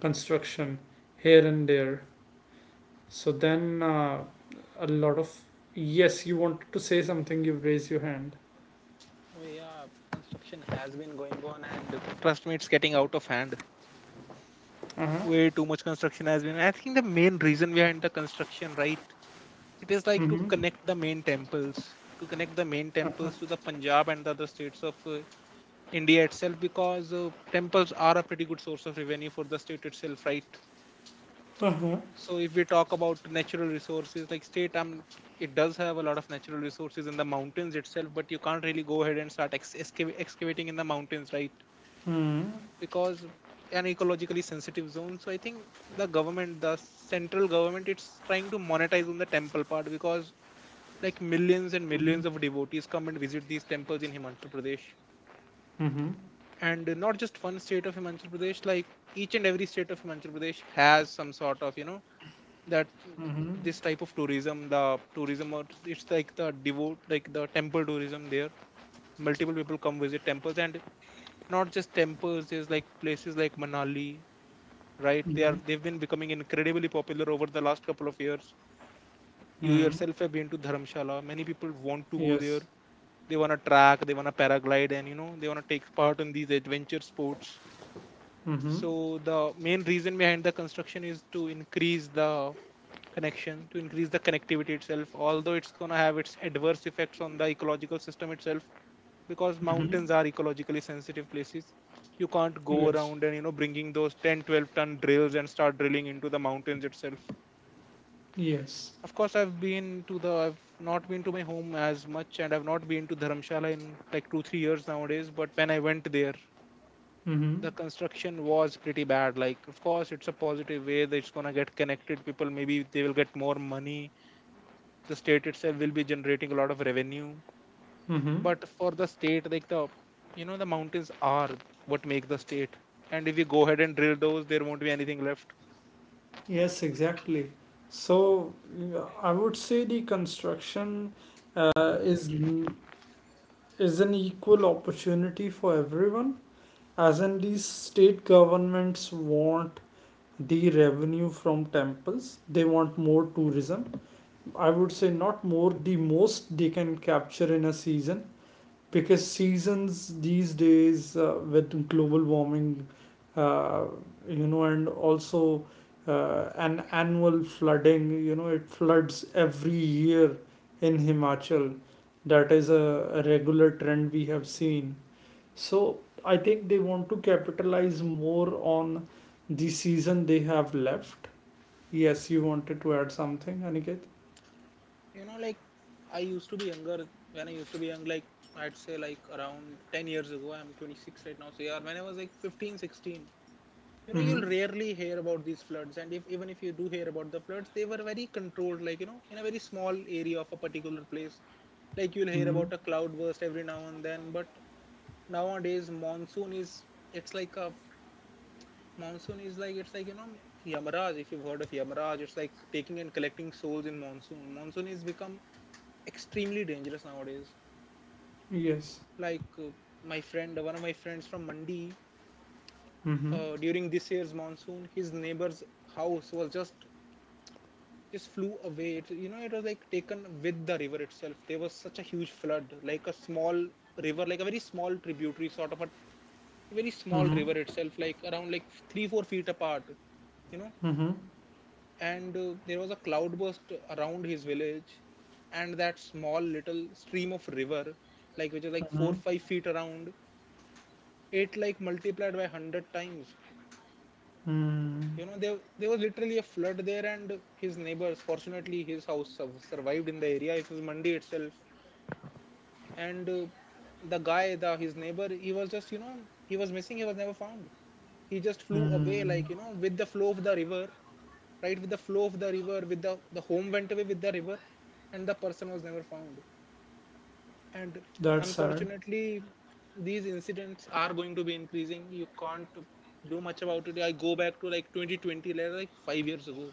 Speaker 1: construction here and there. So then a lot of. Yes, you wanted to say something, you raise your hand.
Speaker 2: Oh yeah, construction has been going on, and trust me, it's getting out of hand.
Speaker 1: Uh-huh.
Speaker 2: Way too much construction has been. I think the main reason behind the construction, right? It is like to
Speaker 1: Mm-hmm.
Speaker 2: connect the main temples, to connect the main temples to
Speaker 1: Uh-huh.
Speaker 2: the Punjab and the other states of India itself, because temples are a pretty good source of revenue for the state itself, right?
Speaker 1: Uh-huh.
Speaker 2: So if we talk about natural resources, like state, it does have a lot of natural resources in the mountains itself, but you can't really go ahead and start excavating in the mountains, right?
Speaker 1: Mm-hmm.
Speaker 2: Because an ecologically sensitive zone, so I think the government, the central government, it's trying to monetize on the temple part, because like millions and
Speaker 1: Mm-hmm.
Speaker 2: millions of devotees come and visit these temples in Himachal Pradesh.
Speaker 1: Mm-hmm.
Speaker 2: And not just one state of Himachal Pradesh, like each and every state of Himachal Pradesh has some sort of, you know, that, this type of tourism, the tourism, or it's like the devote, like the temple tourism there, multiple people come visit temples. And not just temples, there's like places like Manali, right? They are, they've been becoming incredibly popular over the last couple of years. You
Speaker 1: Mm-hmm.
Speaker 2: yourself have been to Dharamshala. Many people want to go there.
Speaker 1: Yes.
Speaker 2: They want to track, they want to paraglide, and you know they want to take part in these adventure sports.
Speaker 1: Mm-hmm.
Speaker 2: So the main reason behind the construction is to increase the connection, to increase the connectivity itself. Although it's gonna have its adverse effects on the ecological system itself, because
Speaker 1: Mm-hmm.
Speaker 2: mountains are ecologically sensitive places, you can't go
Speaker 1: Yes.
Speaker 2: around and you know bringing those 10, 12 ton drills and start drilling into the mountains itself.
Speaker 1: Yes.
Speaker 2: Of course, I've been to the. I've not been to my home as much, and I've not been to Dharamshala in like two, 3 years nowadays. But when I went there,
Speaker 1: Mm-hmm.
Speaker 2: the construction was pretty bad. Like, of course, it's a positive way that it's gonna get connected people. Maybe they will get more money. The state itself will be generating a lot of revenue.
Speaker 1: Mm-hmm.
Speaker 2: But for the state, like the, you know, the mountains are what make the state. And if we go ahead and drill those, there won't be anything left.
Speaker 1: Yes, exactly. So, I would say the construction uh, is l- is an equal opportunity for everyone, as in these state governments want the revenue from temples. They want more tourism. I would say not more, the most they can capture in a season, because seasons these days, with global warming, uh, you know, and also an annual flooding, you know, it floods every year in himachal. That is a regular trend we have seen. So I think they want to capitalize more on the season they have left. Yes, you wanted to add something, Aniket?
Speaker 2: Like I used to be younger when I used to be young, like, I'd say like around 10 years ago. I'm 26 right now, so yeah, when I was like 15, 16,
Speaker 1: Mm-hmm.
Speaker 2: you'll rarely hear about these floods, and if even if you do hear about the floods, they were very controlled, like in a very small area of a particular place. Like you'll hear
Speaker 1: Mm-hmm.
Speaker 2: about a cloudburst every now and then, but nowadays monsoon is, it's like a monsoon is like, it's like Yamaraj. If you've heard of Yamaraj, it's like taking and collecting souls in monsoon. Monsoon is become extremely dangerous nowadays.
Speaker 1: Yes.
Speaker 2: Like my friend, one of my friends from Mandi,
Speaker 1: Mm-hmm.
Speaker 2: during this year's monsoon, his neighbor's house was just flew away. It was like taken with the river itself. There was such a huge flood, like a small river, like a very small tributary, sort of a very small
Speaker 1: Mm-hmm.
Speaker 2: river itself, like around like 3-4 feet apart. You know,
Speaker 1: Mm-hmm.
Speaker 2: and there was a cloudburst around his village, and that small little stream of river, like which is like four
Speaker 1: Mm-hmm.
Speaker 2: five feet around it, like multiplied by 100 times.
Speaker 1: Hmm.
Speaker 2: There was literally a flood there, and his neighbors, fortunately his house survived in the area. It was Mandi itself. And the guy the his neighbor, he was just, he was missing, he was never found. He just flew away,
Speaker 1: Mm.
Speaker 2: like, with the flow of the river, right, with the flow of the river, with the home went away with the river, and the person was never found. And
Speaker 1: That's sad.
Speaker 2: unfortunately, these incidents are going to be increasing. You can't do much about it. I go back to like 2020, like 5 years ago.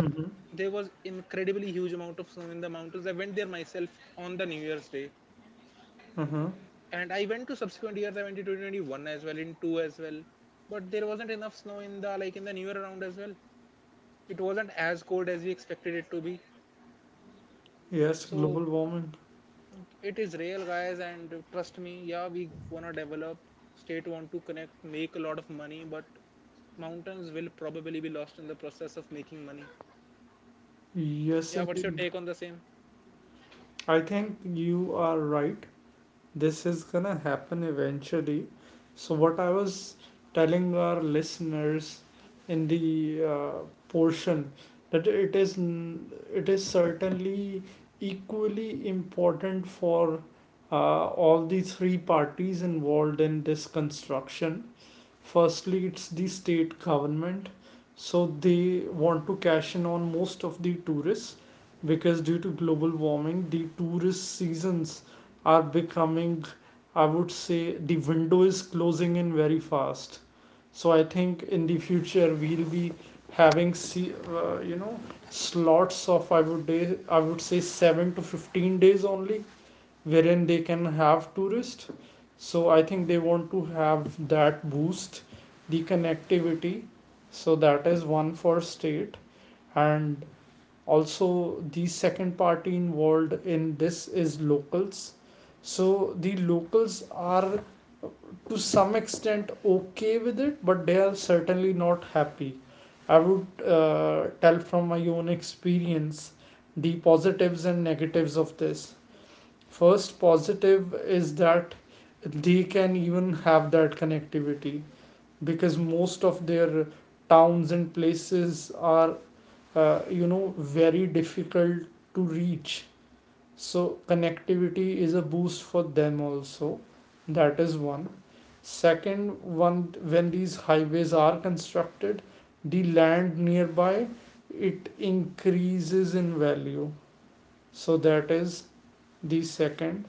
Speaker 1: Mm-hmm.
Speaker 2: There was incredibly huge amount of snow in the mountains. I went there myself on the New Year's day,
Speaker 1: Uh-huh.
Speaker 2: and I went to subsequent years. I went to 2021 as well, in 2 as well, but there wasn't enough snow in the New Year round as well. It wasn't as cold as we expected it to be.
Speaker 1: Yes,
Speaker 2: So
Speaker 1: global warming.
Speaker 2: it is real, guys, and trust me. Yeah, we wanna develop, state want to connect, make a lot of money, but mountains will probably be lost in the process of making money.
Speaker 1: Yes,
Speaker 2: Yeah, what's your
Speaker 1: indeed.
Speaker 2: take on the same?
Speaker 1: I think you are right. This is gonna happen eventually. So, what I was telling our listeners in the portion, that it is it is certainly equally important for all the three parties involved in this construction. Firstly, it's the state government, so they want to cash in on most of the tourists, because due to global warming the tourist seasons are becoming, I would say the window is closing in very fast. So I think in the future we'll be having, see, you know, slots of, I would say, 7 to 15 days only, wherein they can have tourists. So I think they want to have that boost, the connectivity. So that is one for state, and also the second party involved in this is locals. So the locals are to some extent okay with it, but they are certainly not happy. I would tell from my own experience the positives and negatives of this. First positive is that they can even have that connectivity, because most of their towns and places are you know, very difficult to reach. So connectivity is a boost for them also. That is one. Second one, when these highways are constructed, the land nearby, it increases in value. So that is the second.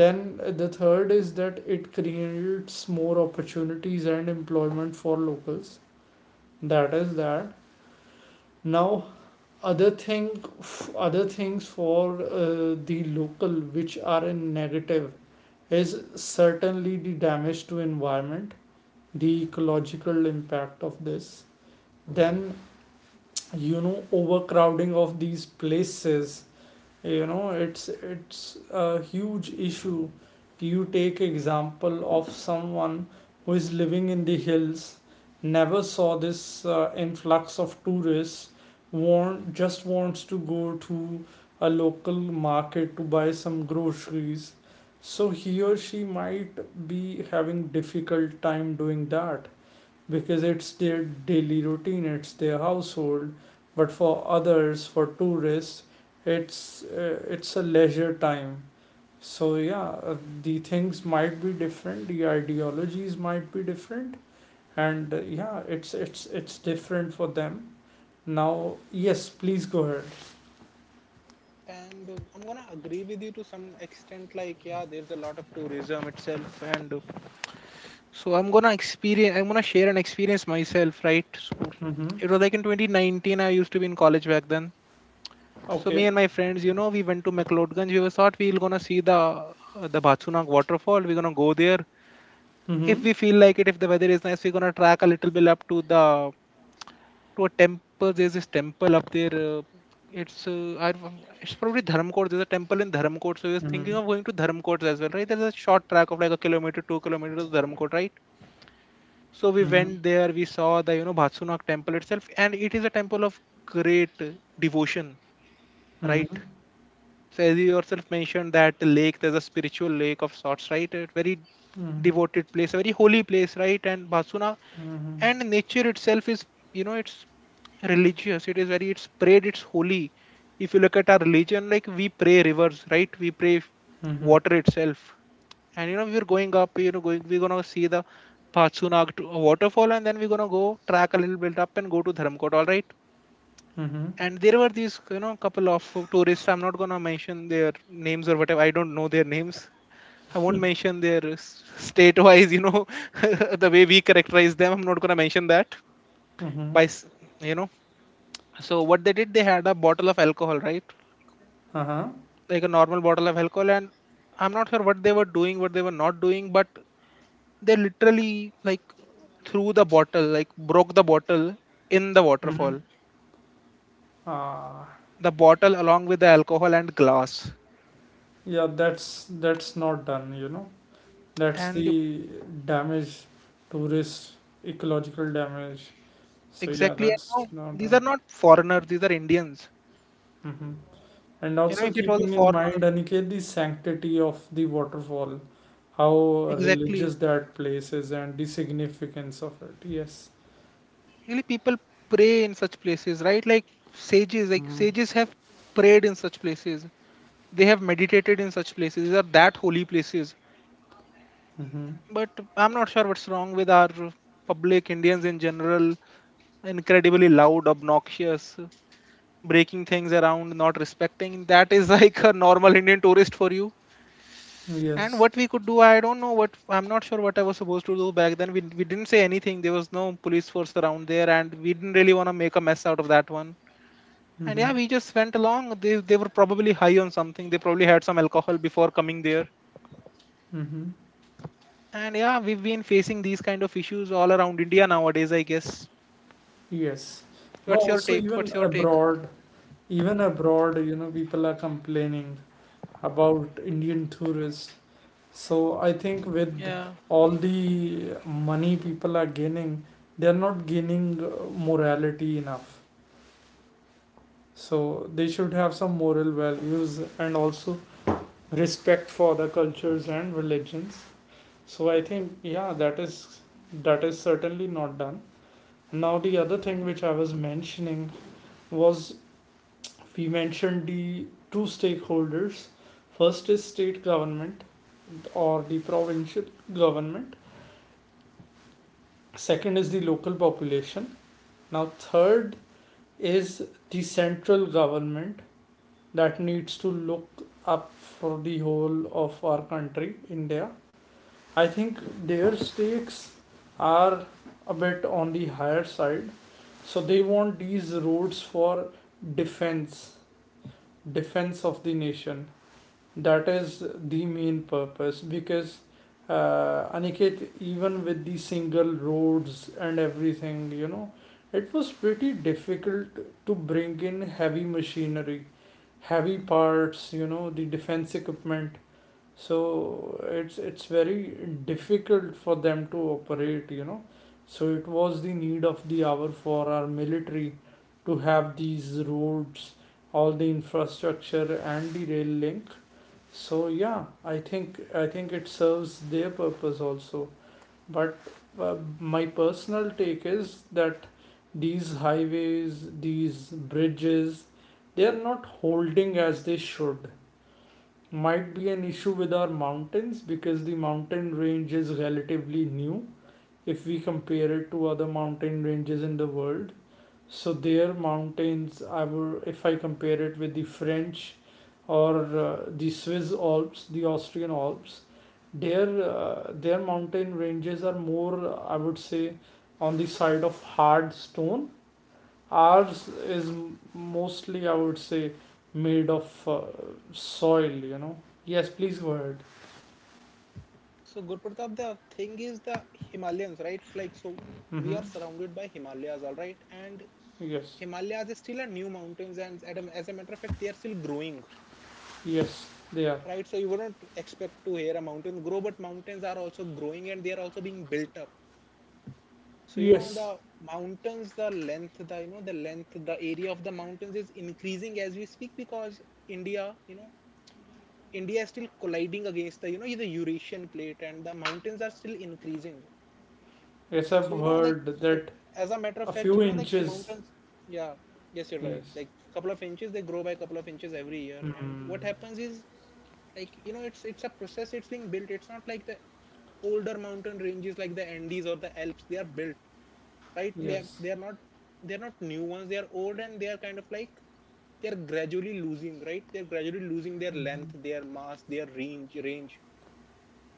Speaker 1: Then the third is that it creates more opportunities and employment for locals. That is that. Now, other thing, other things for the local which are in negative, is certainly the damage to environment, the ecological impact of this. Then, you know, overcrowding of these places, you know, it's a huge issue. You take example of someone who is living in the hills, never saw this influx of tourists, want just wants to go to a local market to buy some groceries, so he or she might be having difficult time doing that, because it's their daily routine, it's their household. But for others, for tourists, it's a leisure time. So yeah, the things might be different, the ideologies might be different, and yeah, it's different for them. Now, yes, please go ahead.
Speaker 2: And I'm gonna agree with you to some extent, like, yeah, there's a lot of tourism itself, and so I'm gonna share an experience myself, right? So
Speaker 1: Mm-hmm.
Speaker 2: it was like in 2019, I used to be in college back then. So me
Speaker 1: Okay.
Speaker 2: and my friends, we went to McLeodganj. We were Thought we're gonna see the Bhatsunak waterfall. We're gonna go there if
Speaker 1: Mm-hmm.
Speaker 2: we feel like it. If the weather is nice, we're gonna track a little bit up to the to a temple. There's this temple up there. It's I, don't- it's probably Dharamkot. There's a temple in Dharamkot. So we was
Speaker 1: Mm-hmm.
Speaker 2: thinking of going to Dharamkot as well, right? There's a short track of like a kilometer, 2 kilometers to Dharamkot, right? So we
Speaker 1: Mm-hmm.
Speaker 2: went there. We saw the Bhatsunak temple itself, and it is a temple of great devotion, right?
Speaker 1: Mm-hmm.
Speaker 2: So as you yourself mentioned, that the lake, there's a spiritual lake of sorts, right? A very
Speaker 1: Mm-hmm.
Speaker 2: devoted place, a very holy place, right? And Basuna
Speaker 1: Mm-hmm.
Speaker 2: and nature itself is, you know, it's religious. It is very, it's prayed, it's holy. If you look at our religion, like we pray rivers, right? We pray
Speaker 1: Mm-hmm.
Speaker 2: water itself. And we're going up, we're gonna see the Patsuna waterfall, and then we're gonna go track a little bit up and go to Dharamkot, all right?
Speaker 1: Mm-hmm.
Speaker 2: And there were these couple of tourists. I'm not gonna mention their names or whatever. I don't know their names. I won't mention their state wise, *laughs* the way we characterize them, I'm not gonna mention that.
Speaker 1: Mm-hmm.
Speaker 2: By s- you know So what they did, they had a bottle of alcohol, right?
Speaker 1: Uh-huh.
Speaker 2: Like a normal bottle of alcohol, and I'm not sure what they were doing, what they were not doing, but they literally, like, threw the bottle, like, broke the bottle in the
Speaker 1: Mm-hmm.
Speaker 2: waterfall,
Speaker 1: Ah.
Speaker 2: the bottle along with the alcohol and glass,
Speaker 1: Yeah, that's not done, you know. That's
Speaker 2: and...
Speaker 1: the damage, tourist, ecological damage. So yeah,
Speaker 2: Exactly.
Speaker 1: that's
Speaker 2: And now
Speaker 1: not
Speaker 2: these are
Speaker 1: done.
Speaker 2: not foreigners, these are Indians.
Speaker 1: Hmm. And
Speaker 2: You know,
Speaker 1: also
Speaker 2: if it was a
Speaker 1: keeping in
Speaker 2: foreigner,
Speaker 1: mind, Aniket, the sanctity of the waterfall, how
Speaker 2: exactly.
Speaker 1: religious that place is and the significance of it. Yes.
Speaker 2: Really, people pray in such places, right? Like sages, like
Speaker 1: Hmm.
Speaker 2: sages have prayed in such places. They have meditated in such places. These are that holy places.
Speaker 1: Mm-hmm.
Speaker 2: But I'm not sure what's wrong with our public, Indians in general, incredibly loud, obnoxious, breaking things around, not respecting. That is *laughs* like a normal Indian tourist for you. And
Speaker 1: Yes.
Speaker 2: what we could do, I don't know what, I'm not sure what I was supposed to do back then. We didn't say anything. There was no police force around there, and we didn't really want to make a mess out of that one. And
Speaker 1: Mm-hmm.
Speaker 2: yeah, we just went along. They were probably high on something. They probably had some alcohol before coming there.
Speaker 1: Mm-hmm.
Speaker 2: And yeah, we've been facing these kind of issues all around India nowadays, I guess.
Speaker 1: Yes. No,
Speaker 2: What's your
Speaker 1: also
Speaker 2: take? What's your take?
Speaker 1: even abroad, you know, people are complaining about Indian tourists. So I think with
Speaker 2: Yeah.
Speaker 1: all the money people are gaining, they are not gaining morality enough. So they should have some moral values and also respect for other cultures and religions. So I think yeah, that is certainly not done. Now the other thing which I was mentioning was, we mentioned the two stakeholders. First is state government, or the provincial government. Second is the local population. Now, third is the central government that needs to look up for the whole of our country, India. I think their stakes are a bit on the higher side. So they want these roads for defense, defense of the nation. That is the main purpose, because Aniket, even with the single roads and everything, you know, it was pretty difficult to bring in heavy machinery, heavy parts, you know, the defense equipment. So it's very difficult for them to operate, you know. So it was the need of the hour for our military to have these roads, all the infrastructure and the rail link. So yeah, I think it serves their purpose also. But my personal take is that these highways, these bridges, they are not holding as they should. Might be an issue with our mountains, because the mountain range is relatively new, if we compare it to other mountain ranges in the world. So their mountains, I would, if I compare it with the French or the Swiss Alps, the Austrian Alps, their mountain ranges are more, I would say, on the side of hard stone. Ours is mostly, I would say, made of soil, you know. Yes, please go ahead.
Speaker 2: So, Gurpratap, the thing is the Himalayans, right? Like, so we
Speaker 1: Mm-hmm.
Speaker 2: are surrounded by Himalayas, all right? And
Speaker 1: Yes,
Speaker 2: Himalayas is still a new mountains, and as a matter of fact, they are still growing,
Speaker 1: yes, they are.
Speaker 2: right? So you wouldn't expect to hear a mountain grow, but mountains are also growing and they are also being built up. So you know
Speaker 1: Yes,
Speaker 2: the mountains, the length, the you know the length, the area of the mountains is increasing as we speak, because India, you know, India is still colliding against the you know the Eurasian plate, and the mountains are still increasing.
Speaker 1: yes,
Speaker 2: So
Speaker 1: I've
Speaker 2: like,
Speaker 1: heard
Speaker 2: so,
Speaker 1: that.
Speaker 2: as a matter of
Speaker 1: A
Speaker 2: fact,
Speaker 1: few
Speaker 2: like, the
Speaker 1: inches.
Speaker 2: mountains. Yeah, yes, you're right.
Speaker 1: Yes.
Speaker 2: Like, couple of inches, they grow by a couple of inches every year. And what
Speaker 1: Mm.
Speaker 2: happens is, like, it's a process. It's being built. It's not like the older mountain ranges like the Andes or the Alps. They are built, right? They are,
Speaker 1: Yes.
Speaker 2: they are not they are not new ones. They are old and they are kind of like, they're gradually losing, right, they're gradually losing their length,
Speaker 1: Mm-hmm.
Speaker 2: their mass, their range.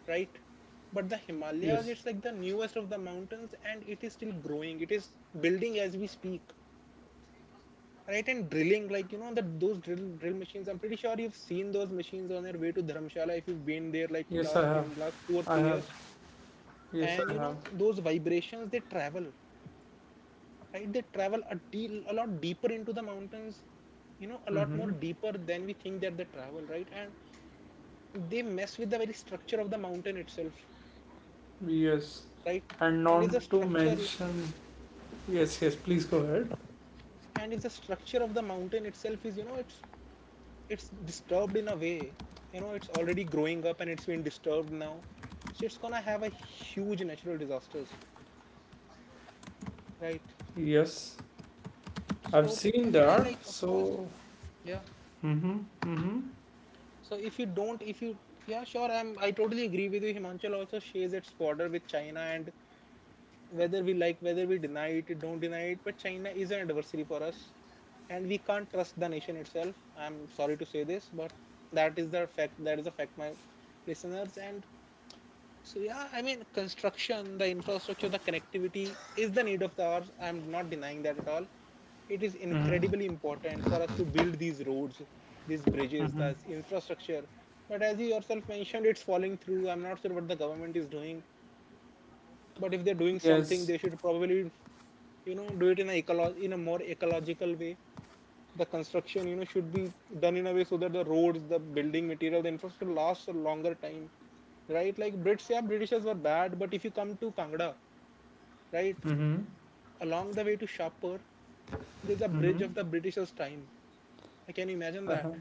Speaker 2: Right? But the Himalayas,
Speaker 1: Yes.
Speaker 2: it's like the newest of the mountains, and it is still growing. It is building as we speak, right? And drilling, like, that those drill machines. I'm pretty sure you've seen those machines on their way to Dharamshala if you've been there, like,
Speaker 1: Yes, I
Speaker 2: last
Speaker 1: have.
Speaker 2: in last two or
Speaker 1: I
Speaker 2: three years.
Speaker 1: have. Yes,
Speaker 2: And
Speaker 1: I have.
Speaker 2: those vibrations, they travel, right? They travel a lot deeper into the mountains, a lot more
Speaker 1: Mm-hmm.
Speaker 2: deeper than we think that they travel, right? And they mess with the very structure of the mountain itself,
Speaker 1: Yes.
Speaker 2: right?
Speaker 1: And
Speaker 2: And it's
Speaker 1: not
Speaker 2: a
Speaker 1: to
Speaker 2: structure like
Speaker 1: mention. Yes, please go ahead.
Speaker 2: and if the structure of the mountain itself is, it's disturbed in a way, it's already growing up, and it's been disturbed now, so it's gonna have a huge natural disasters, right?
Speaker 1: Yes, I've
Speaker 2: So yeah,
Speaker 1: seen
Speaker 2: I,
Speaker 1: that.
Speaker 2: like, of course,
Speaker 1: So.
Speaker 2: yeah.
Speaker 1: Mm-hmm. Mm-hmm.
Speaker 2: So if you don't if you yeah, sure, I totally agree with you. Himanchal also shares its border with China, and whether we deny it, don't deny it, but China is an adversary for us, and we can't trust the nation itself. I'm sorry to say this, but that is the fact, that is the fact, my listeners. And so yeah, I mean, construction, the infrastructure, the connectivity is the need of the hour. I'm not denying that at all. It is
Speaker 1: Mm-hmm.
Speaker 2: incredibly important for us to build these roads, these bridges, the
Speaker 1: Mm-hmm.
Speaker 2: infrastructure. But as you yourself mentioned, it's falling through. I'm not sure what the government is doing, but if they're doing something,
Speaker 1: Yes.
Speaker 2: they should probably, do it in in a more ecological way. The construction, should be done in a way so that the roads, the building material, the infrastructure lasts a longer time, right? Like, brits yeah britishers were bad, but if you come to Kangra, right,
Speaker 1: Mm-hmm.
Speaker 2: along the way to Shapur, there's a bridge of
Speaker 1: Mm-hmm.
Speaker 2: the britishers' time. Can you imagine that?
Speaker 1: Uh-huh.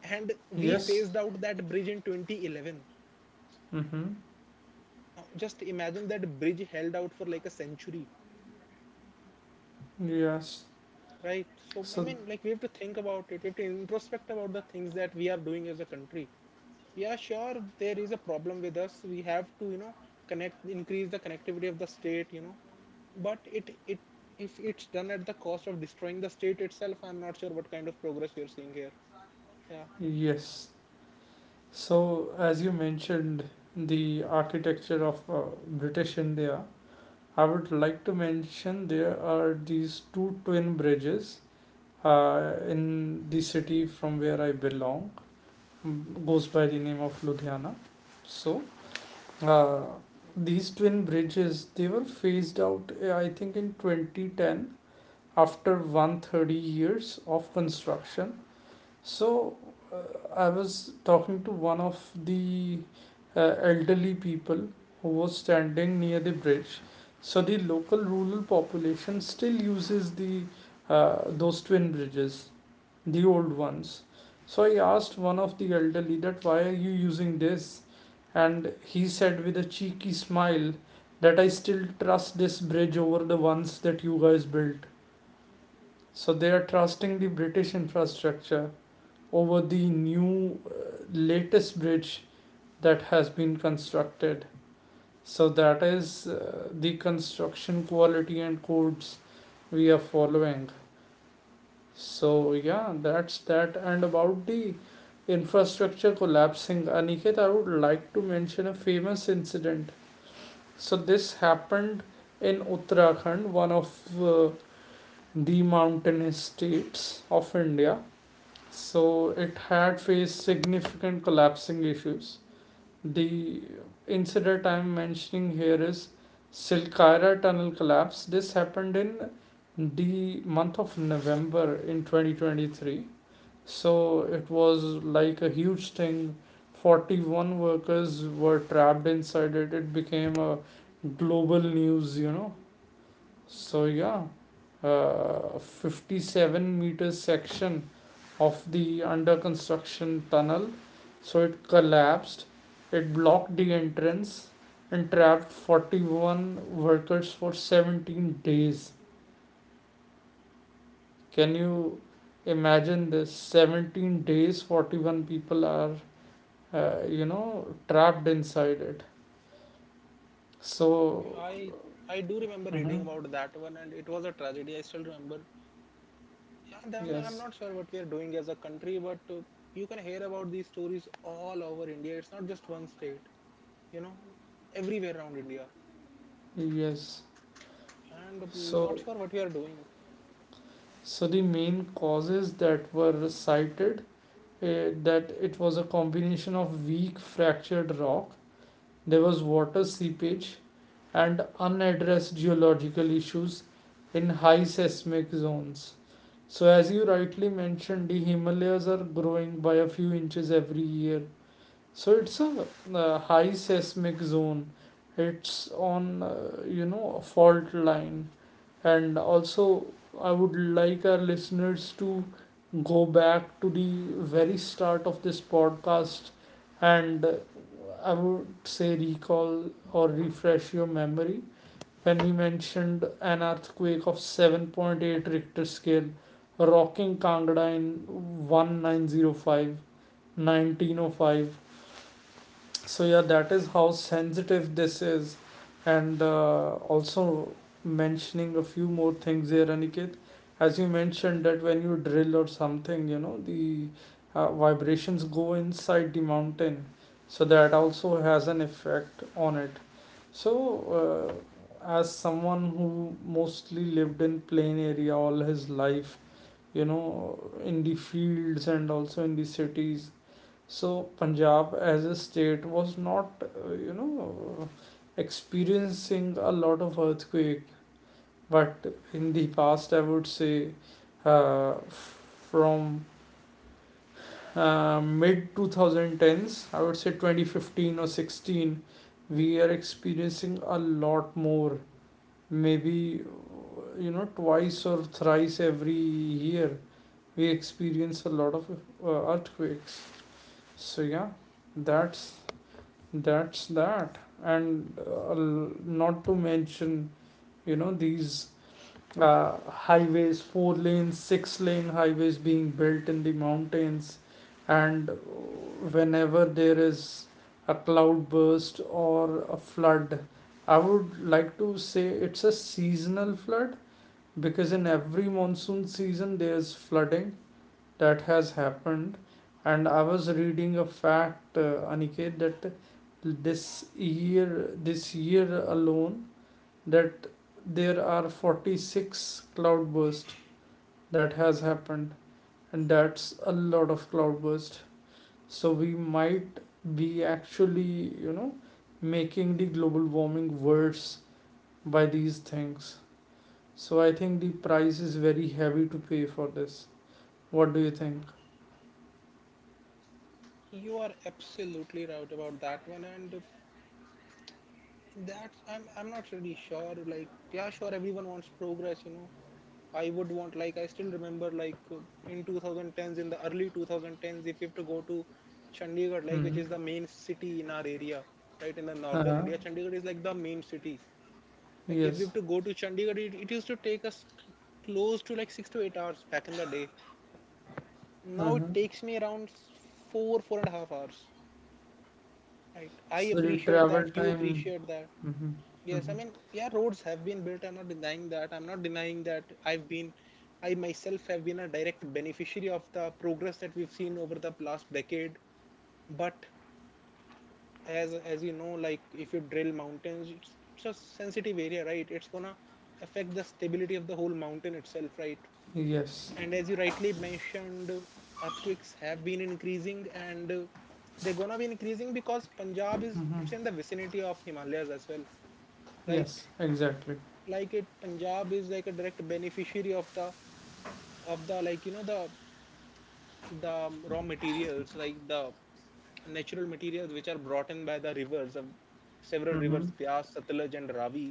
Speaker 2: And we
Speaker 1: Yes.
Speaker 2: phased out that bridge in 2011.
Speaker 1: Mm-hmm.
Speaker 2: Now just imagine that bridge held out for like a century,
Speaker 1: Yes.
Speaker 2: right? So I mean,
Speaker 1: So
Speaker 2: like, we have to think about it, we have to introspect about the things that we are doing as a country. Yeah, sure, there is a problem with us. We have to, connect, increase the connectivity of the state, but it If it's done at the cost of destroying the state itself, I'm not sure what kind of progress we are seeing here. Yeah.
Speaker 1: yes. So as you mentioned the architecture of British India, I would like to mention there are these two twin bridges in the city from where I belong, goes by the name of Ludhiana. So, Uh, these twin bridges, they were phased out, I think, in 2010, after 130 years of construction. So, uh, I was talking to one of the elderly people who was standing near the bridge. So, the local rural population still uses the those twin bridges, the old ones. So I asked one of the elderly that, why are you using this? And he said with a cheeky smile that I still trust this bridge over the ones that you guys built. So they are trusting the British infrastructure over the new, latest bridge that has been constructed. So that is the construction quality and codes we are following. So yeah, that's that. And about the infrastructure collapsing, Aniket, I would like to mention a famous incident. So this happened in Uttarakhand, one of the mountainous states of India. So it had faced significant collapsing issues. The incident I'm mentioning here is Silkaira tunnel collapse. This happened in the month of November in 2023. So it was like a huge thing. 41 workers were trapped inside it. It became a global news, you know. So, yeah, 57-meter meter section of the under construction tunnel, so it collapsed. It blocked the entrance and trapped 41 workers for 17 days. Can you imagine this? 17 days, 41 people are, you know, trapped inside it. So.
Speaker 2: I i do remember reading
Speaker 1: Mhm.
Speaker 2: about that one, and it was a tragedy. I still remember. Yeah, I'm
Speaker 1: Yes.
Speaker 2: not sure what we are doing as a country, but you can hear about these stories all over India. It's not just one state, you know, everywhere around India.
Speaker 1: Yes.
Speaker 2: And I'm not
Speaker 1: So,
Speaker 2: sure what we are doing.
Speaker 1: the main causes that were cited, that it was a combination of weak fractured rock, there was water seepage, and unaddressed geological issues in high seismic zones. So as you rightly mentioned, the Himalayas are growing by a few inches every year. So it's a high seismic zone. It's on, you know, a fault line. And also, I would like our listeners to go back to the very start of this podcast, and I would say, recall or refresh your memory when we mentioned an earthquake of 7.8 Richter scale rocking Kangra in 1905, 1905. So yeah, that is how sensitive this is. And also, mentioning a few more things here, Aniket. As you mentioned, that when you drill or something, you know, the vibrations go inside the mountain, so that also has an effect on it. So, as someone who mostly lived in plain area all his life, you know, in the fields and also in the cities, so Punjab as a state was not, you know, experiencing a lot of earthquake. But in the past, I would say, uh, from mid 2010s, I would say 2015 or 16, we are experiencing a lot more. Maybe, you know, twice or thrice every year, we experience a lot of earthquakes. So yeah, that's that's that and not to mention you know these uh, highways, four lane, six-lane highways being built in the mountains. And whenever there is a cloud burst or a flood, I would like to say it's a seasonal flood, because in every monsoon season there's flooding that has happened. And I was reading a fact, Aniket, that this year this year alone that there are 46 cloudburst that has happened, and that's a lot of cloudburst. So we might be actually you know making the global warming worse by these things. So I think the price is very heavy to pay for this. What do you think?
Speaker 2: You are absolutely right about that one. And that's, I'm not really sure. Like, yeah, sure, everyone wants progress, you know. I would want, like, I still remember, like, in 2010s, in the early 2010s, if you have to go to Chandigarh, like, which is
Speaker 1: Hmm.
Speaker 2: the main city in our area, right, in the northern India,
Speaker 1: Uh-huh.
Speaker 2: Chandigarh is like the main city. Like if we have to
Speaker 1: Yes.
Speaker 2: go to Chandigarh, it used to take us close to like 6 to 8 hours back in the day. Now it
Speaker 1: Uh-huh.
Speaker 2: takes me around four and a half hours. Right. I
Speaker 1: So the
Speaker 2: appreciate that.
Speaker 1: travel
Speaker 2: You
Speaker 1: time.
Speaker 2: appreciate that.
Speaker 1: Mm-hmm.
Speaker 2: Yes. I
Speaker 1: Mm-hmm.
Speaker 2: mean, yeah, roads have been built. I'm not denying that. I'm not denying that I myself have been a direct beneficiary of the progress that we've seen over the last decade. But as you know, like if you drill mountains, it's a sensitive area, right? It's gonna affect the stability of the whole mountain itself, right?
Speaker 1: Yes.
Speaker 2: And as you rightly mentioned, earthquakes have been increasing, and they're gonna be increasing because Punjab is it's in the
Speaker 1: Mm-hmm.
Speaker 2: vicinity of Himalayas as well, right?
Speaker 1: Yes, exactly.
Speaker 2: Like Punjab is like a direct beneficiary of the like you know the raw materials, like the natural materials which are brought in by the rivers of several rivers:
Speaker 1: Mm-hmm.
Speaker 2: Bias, Satluj, and Ravi,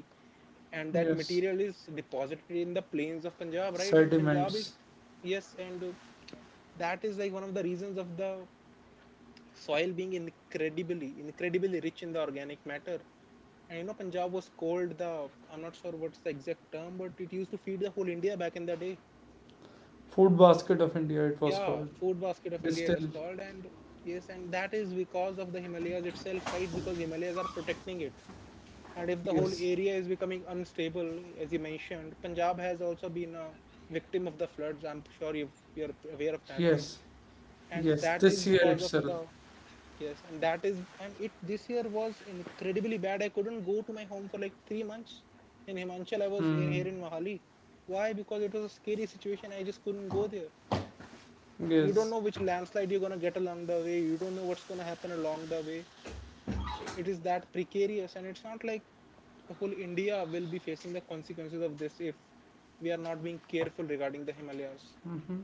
Speaker 2: and that
Speaker 1: Yes.
Speaker 2: material is deposited in the plains of Punjab, right? And Punjab is,
Speaker 1: Sediments.
Speaker 2: yes, and that is like one of the reasons of the soil being incredibly rich in the organic matter. And you know Punjab was called the, I'm not sure what's the exact term, but it used to feed the whole India back in the day.
Speaker 1: Food basket of India, it was
Speaker 2: Yeah,
Speaker 1: called.
Speaker 2: food basket of
Speaker 1: It is
Speaker 2: India, it was
Speaker 1: still.
Speaker 2: called. And yes, and that is because of the Himalayas itself, right? Because Himalayas are protecting it. And if the whole
Speaker 1: Yes.
Speaker 2: area is becoming unstable, as you mentioned, Punjab has also been a victim of the floods. You're aware of that one.
Speaker 1: Yes.
Speaker 2: And
Speaker 1: Yes.
Speaker 2: that is
Speaker 1: This year
Speaker 2: because of
Speaker 1: itself.
Speaker 2: the, yes, and that is, and it this year was incredibly bad. I couldn't go to my home for like 3 months. In Himachal,
Speaker 1: Mm.
Speaker 2: here in Mahali. Why? Because it was a scary situation. I just couldn't go there. You don't
Speaker 1: Yes.
Speaker 2: know which landslide you're gonna get along the way. You don't know what's gonna happen along the way. It is that precarious, and it's not like the whole India will be facing the consequences of this if we are not being careful regarding the Himalayas.
Speaker 1: Mm-hmm.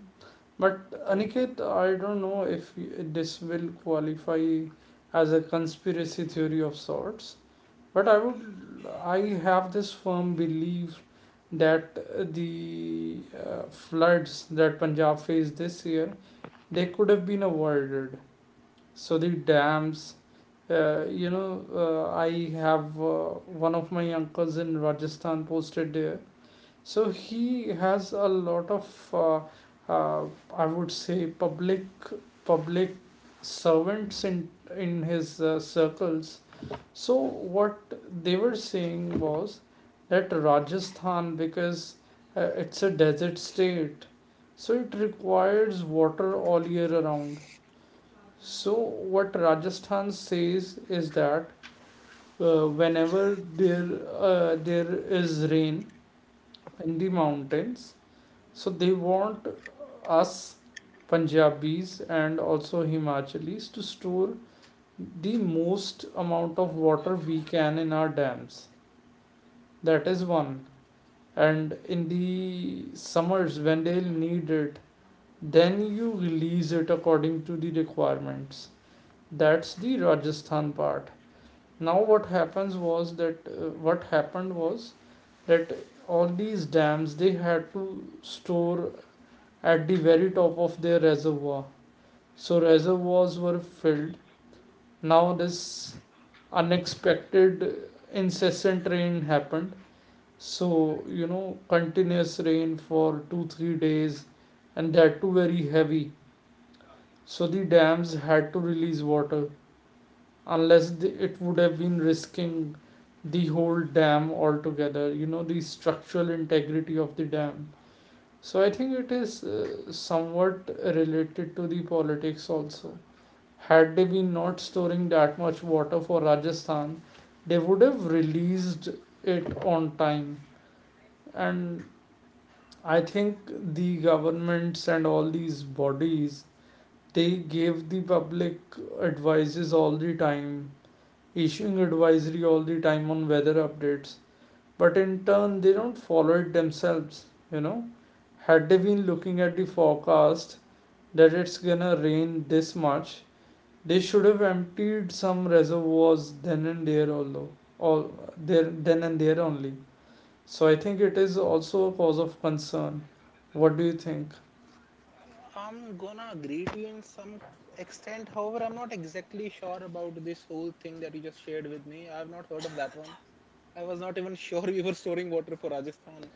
Speaker 1: But
Speaker 2: Right.
Speaker 1: Aniket, I don't know if this will qualify as a conspiracy theory of sorts. But I would, I have this firm belief that the floods that Punjab faced this year, they could have been avoided. So the dams, uh, you know I have, one of my uncles in Rajasthan posted there, so he has a lot of uh, uh, I would say public public servants in his circles. So what they were saying was that Rajasthan, because it's a desert state, so it requires water all year around. So what Rajasthan says is that whenever there is rain in the mountains, so they want us Punjabis and also Himachalis to store the most amount of water we can in our dams. That is one. And in the summers when they'll need it, then you release it according to the requirements. That's the Rajasthan part. Now what happens was that what happened was that all these dams, they had to store at the very top of their reservoir. So reservoirs were filled. Now this unexpected incessant rain happened. So, you know, continuous rain for two, 3 days, and that too very heavy. So the dams had to release water, unless the, it would have been risking the whole dam altogether, you know, the structural integrity of the dam. So I think it is somewhat related to the politics also. Had they been not storing that much water for Rajasthan, they would have released it on time. And I think the governments and all these bodies, they give the public advices all the time, issuing advisory all the time on weather updates. But in turn, they don't follow it themselves. You know, had they been looking at the forecast that it's gonna rain this much, they should have emptied some reservoirs then and there, although all there then and there only. So I think it is also a cause of concern. What do you think?
Speaker 2: I'm gonna agree to you in some extent. However, I'm not exactly sure about this whole thing that you just shared with me. I've not heard of that one. I was not even *laughs* sure we were storing water for Rajasthan.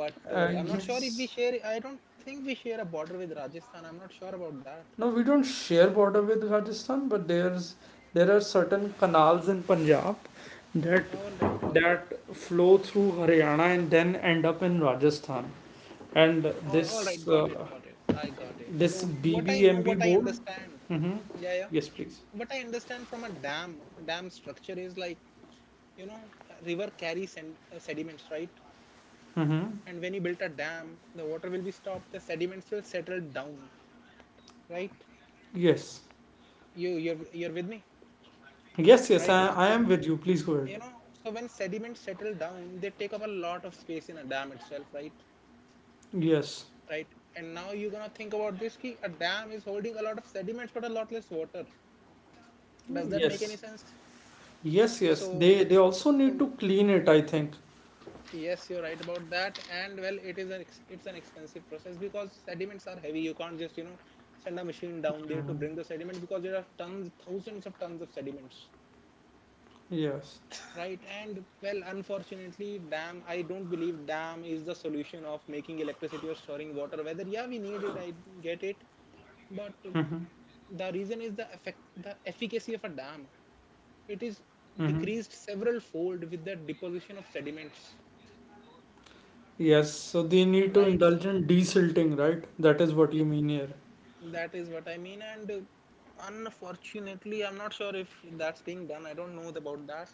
Speaker 2: But I'm not sure if
Speaker 1: Yes.
Speaker 2: we share. I don't think we share a border with Rajasthan. I'm not sure about that.
Speaker 1: No, we don't share border with Rajasthan, but there are certain canals in Punjab that
Speaker 2: All right, all right,
Speaker 1: that flow through Haryana and then end up in Rajasthan. And this
Speaker 2: all right. Got it,
Speaker 1: uh,
Speaker 2: got it. I got it.
Speaker 1: this
Speaker 2: So what I know,
Speaker 1: BBMB
Speaker 2: what I
Speaker 1: board.
Speaker 2: understand.
Speaker 1: Mm-hmm.
Speaker 2: Yeah, yeah.
Speaker 1: Yes, please.
Speaker 2: What I understand from a dam structure is like, you know, a river carries sediments, right?
Speaker 1: Mm-hmm.
Speaker 2: And when you built a dam, the water will be stopped, the sediments will settle down, right?
Speaker 1: Yes.
Speaker 2: You're with me,
Speaker 1: Yes, yes,
Speaker 2: right?
Speaker 1: I, I
Speaker 2: So,
Speaker 1: am with you. Please go ahead.
Speaker 2: you know, so when sediments settle down, they take up a lot of space in a dam itself, right?
Speaker 1: Yes.
Speaker 2: Right. And now you're gonna think about this key: a dam is holding a lot of sediments but a lot less water. Does that make
Speaker 1: Yes.
Speaker 2: any sense?
Speaker 1: Yes.
Speaker 2: so
Speaker 1: They also need to
Speaker 2: so
Speaker 1: clean it, I think.
Speaker 2: Yes, you're right about that. And well, it is it's an expensive process because sediments are heavy. You can't just, you know, send a machine down there to
Speaker 1: Mhm.
Speaker 2: bring the sediment, because there are tons, thousands of tons of sediments,
Speaker 1: Yes.
Speaker 2: right? And well, unfortunately, dam. I don't believe dam is the solution of making electricity or storing water. Whether yeah, we need it, I get it, but the reason is the effect, the efficacy of a dam. It is
Speaker 1: Mm-hmm.
Speaker 2: decreased several fold with the deposition of sediments,
Speaker 1: Yes, so they need to
Speaker 2: right?
Speaker 1: indulge
Speaker 2: So
Speaker 1: in desilting, right? That is what you mean here.
Speaker 2: that is what I mean, and unfortunately, I'm not sure if that's being done. I don't know about that.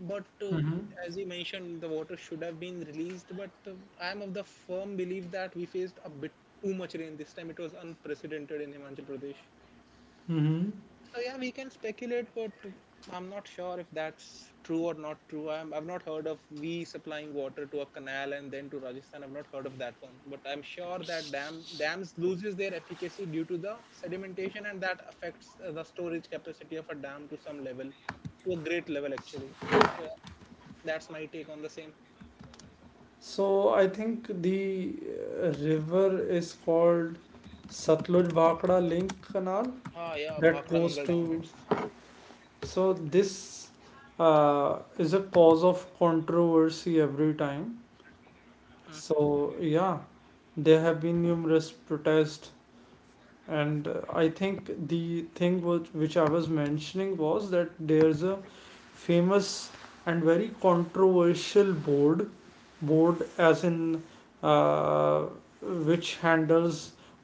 Speaker 2: But
Speaker 1: Mm-hmm.
Speaker 2: as you mentioned, the water should have been released. But I'm of the firm belief that we faced a bit too much rain this time. It was unprecedented in Himachal Pradesh.
Speaker 1: Mm-hmm.
Speaker 2: So yeah, we can speculate, but I'm not sure if that's true or not true. I've not heard of we supplying water to a canal and then to Rajasthan. I've not heard of that one, but I'm sure that dams loses their efficacy due to the sedimentation, and that affects the storage capacity of a dam to some level, to a great level actually. So yeah, that's my take on the same.
Speaker 1: So I think the river is called Satluj Bhakra Link Canal
Speaker 2: Ah yeah,
Speaker 1: that
Speaker 2: Bhakra
Speaker 1: goes
Speaker 2: Nangal Dam.
Speaker 1: to.
Speaker 2: It's
Speaker 1: So this is a cause of controversy every time.
Speaker 2: mhm.
Speaker 1: So yeah, there have been numerous protests, and I think the thing which I was mentioning was that there's a famous and very controversial board, board as in, uh, which handles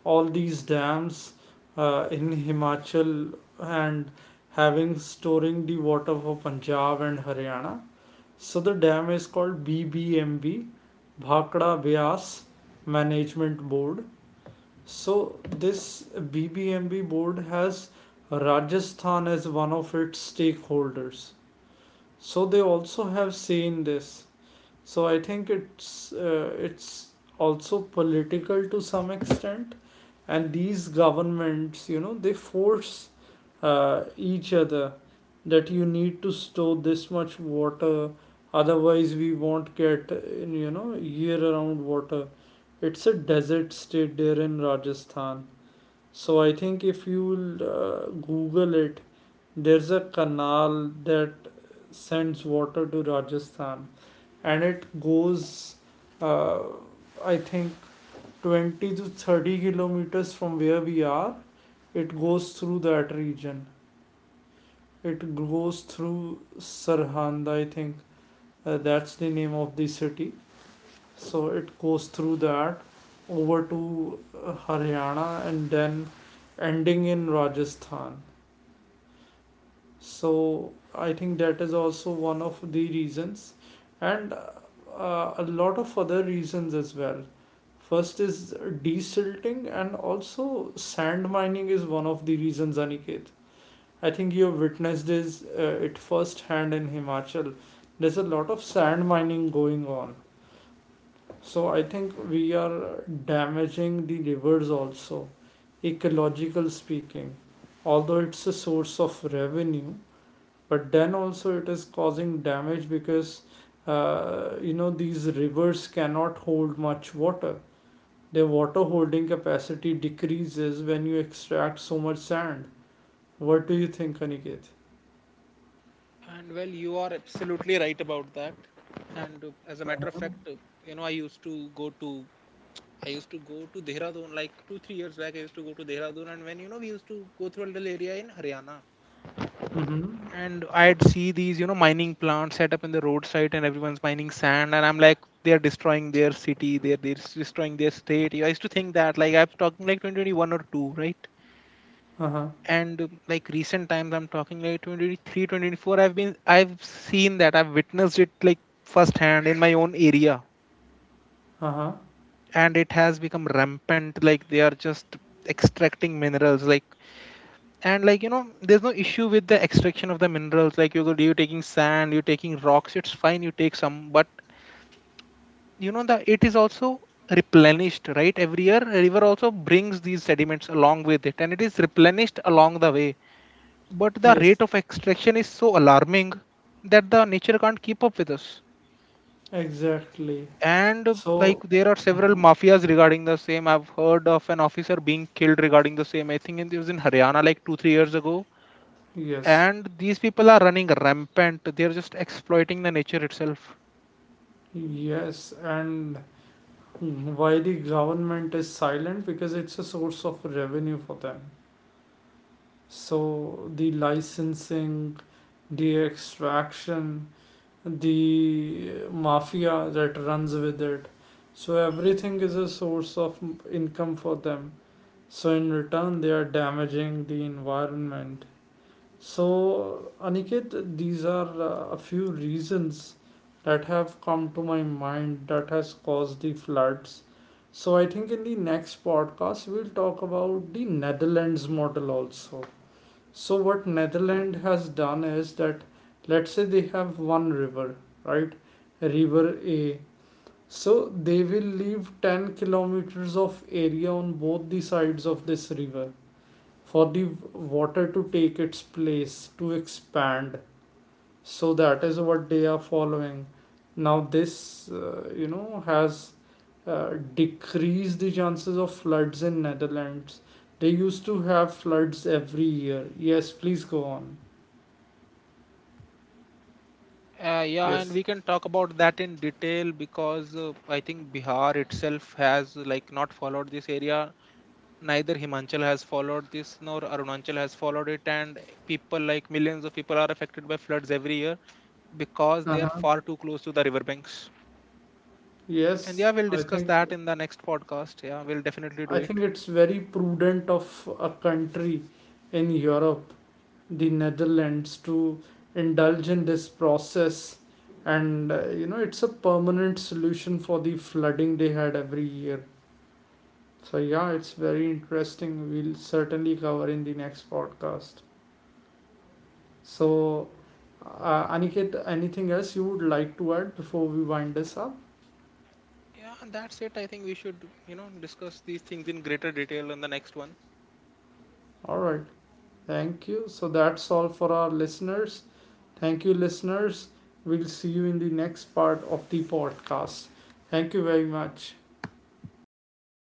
Speaker 1: all these dams in Himachal and having storing the water for Punjab and Haryana. So the dam is called BBMB, Bhakra Bias Management Board. So this BBMB board has Rajasthan as one of its stakeholders. So they also have seen this. So I think it's also political to some extent, and these governments, you know, they force each other that you need to store this much water, otherwise we won't get year-round water. It's a desert state there in Rajasthan. So I think if you Google it, there's a canal that sends water to Rajasthan, and it goes, uh, I think, 20 to 30 kilometers from where we are. It goes through that region. It goes through Sarhand, I think. That's the name of the city. So it goes through that over to Haryana and then ending in Rajasthan. So I think that is also one of the reasons, and a lot of other reasons as well. First is desilting, and also sand mining is one of the reasons, Aniket. I think you have witnessed this it firsthand in Himachal. There's a lot of sand mining going on. So I think we are damaging the rivers also, ecological speaking. Although it's a source of revenue, but then also it is causing damage because you know these rivers cannot hold much water. Their water holding capacity decreases when you extract so much sand. What do you think, Aniket?
Speaker 2: And well, you are absolutely right about that. And as a matter of
Speaker 1: Uh-huh.
Speaker 2: fact, you know, I used to go to Dehradun like two, 3 years back. I used to go to Dehradun, and when you know, we used to go through a little area in Haryana,
Speaker 1: Mm-hmm.
Speaker 2: and I'd see these, you know, mining plants set up in the roadside, and everyone's mining sand, and I'm like, they are destroying their city, they're destroying their state. I used to think that like I'm talking like 2021 or two, right?
Speaker 1: Uh-huh.
Speaker 2: And like recent times, I'm talking like 2023, 2024. I've seen that, I've witnessed it like firsthand in my own area,
Speaker 1: Uh-huh.
Speaker 2: and it has become rampant. Like they are just extracting minerals, like, and like you know there's no issue with the extraction of the minerals, like you go, you're taking sand, you're taking rocks, it's fine, you take some, but you know the it is also replenished, right? Every year a river also brings these sediments along with it, and it is replenished along the way. But the
Speaker 1: Yes.
Speaker 2: rate of extraction is so alarming that the nature can't keep up with us.
Speaker 1: Exactly.
Speaker 2: And like
Speaker 1: So
Speaker 2: there are several
Speaker 1: Mhm.
Speaker 2: mafias regarding the same. I've heard of an officer being killed regarding the same. I think it was in Haryana like 2 3 years ago,
Speaker 1: Yes,
Speaker 2: and these people are running rampant. They are just exploiting the nature itself.
Speaker 1: yes, and why the government is silent? Because it's a source of revenue for them. So the licensing, the extraction, the mafia that runs with it. So everything is a source of income for them. So in return, they are damaging the environment. So Aniket, these are a few reasons that have come to my mind that has caused the floods. So I think in the next podcast we'll talk about the Netherlands model also. So what Netherlands has done is that, let's say they have 1 river, right? River A. So they will leave 10 kilometers of area on both the sides of this river for the water to take its place, to expand. So that is what they are following. Now this, has uh, decreased the chances of floods in Netherlands. They used to have floods every year. Yes, please go on.
Speaker 2: Yeah, and
Speaker 1: Yes.
Speaker 2: we can talk about that in detail because I think Bihar itself has like not followed this area. Neither Himachal has followed this nor Arunachal has followed it, and people, like millions of people, are affected by floods every year because they are
Speaker 1: Uh-huh.
Speaker 2: far too close to the riverbanks. And
Speaker 1: Yes,
Speaker 2: yeah, we'll
Speaker 1: I
Speaker 2: discuss
Speaker 1: think,
Speaker 2: that in the next podcast. Yeah, we'll definitely do
Speaker 1: I think
Speaker 2: it.
Speaker 1: it's very prudent of a country in Europe, the Netherlands, to indulge in this process. And you know, it's a permanent solution for the flooding they had every year. So yeah, it's very interesting. We'll certainly cover in the next podcast. So, Aniket, anything else you would like to add before we wind this up?
Speaker 2: Yeah, and that's it. I think we should, you know, discuss these things in greater detail in the next one.
Speaker 1: All right. Thank you. So that's all for our listeners. Thank you, listeners. We'll see you in the next part of the podcast. Thank you very much.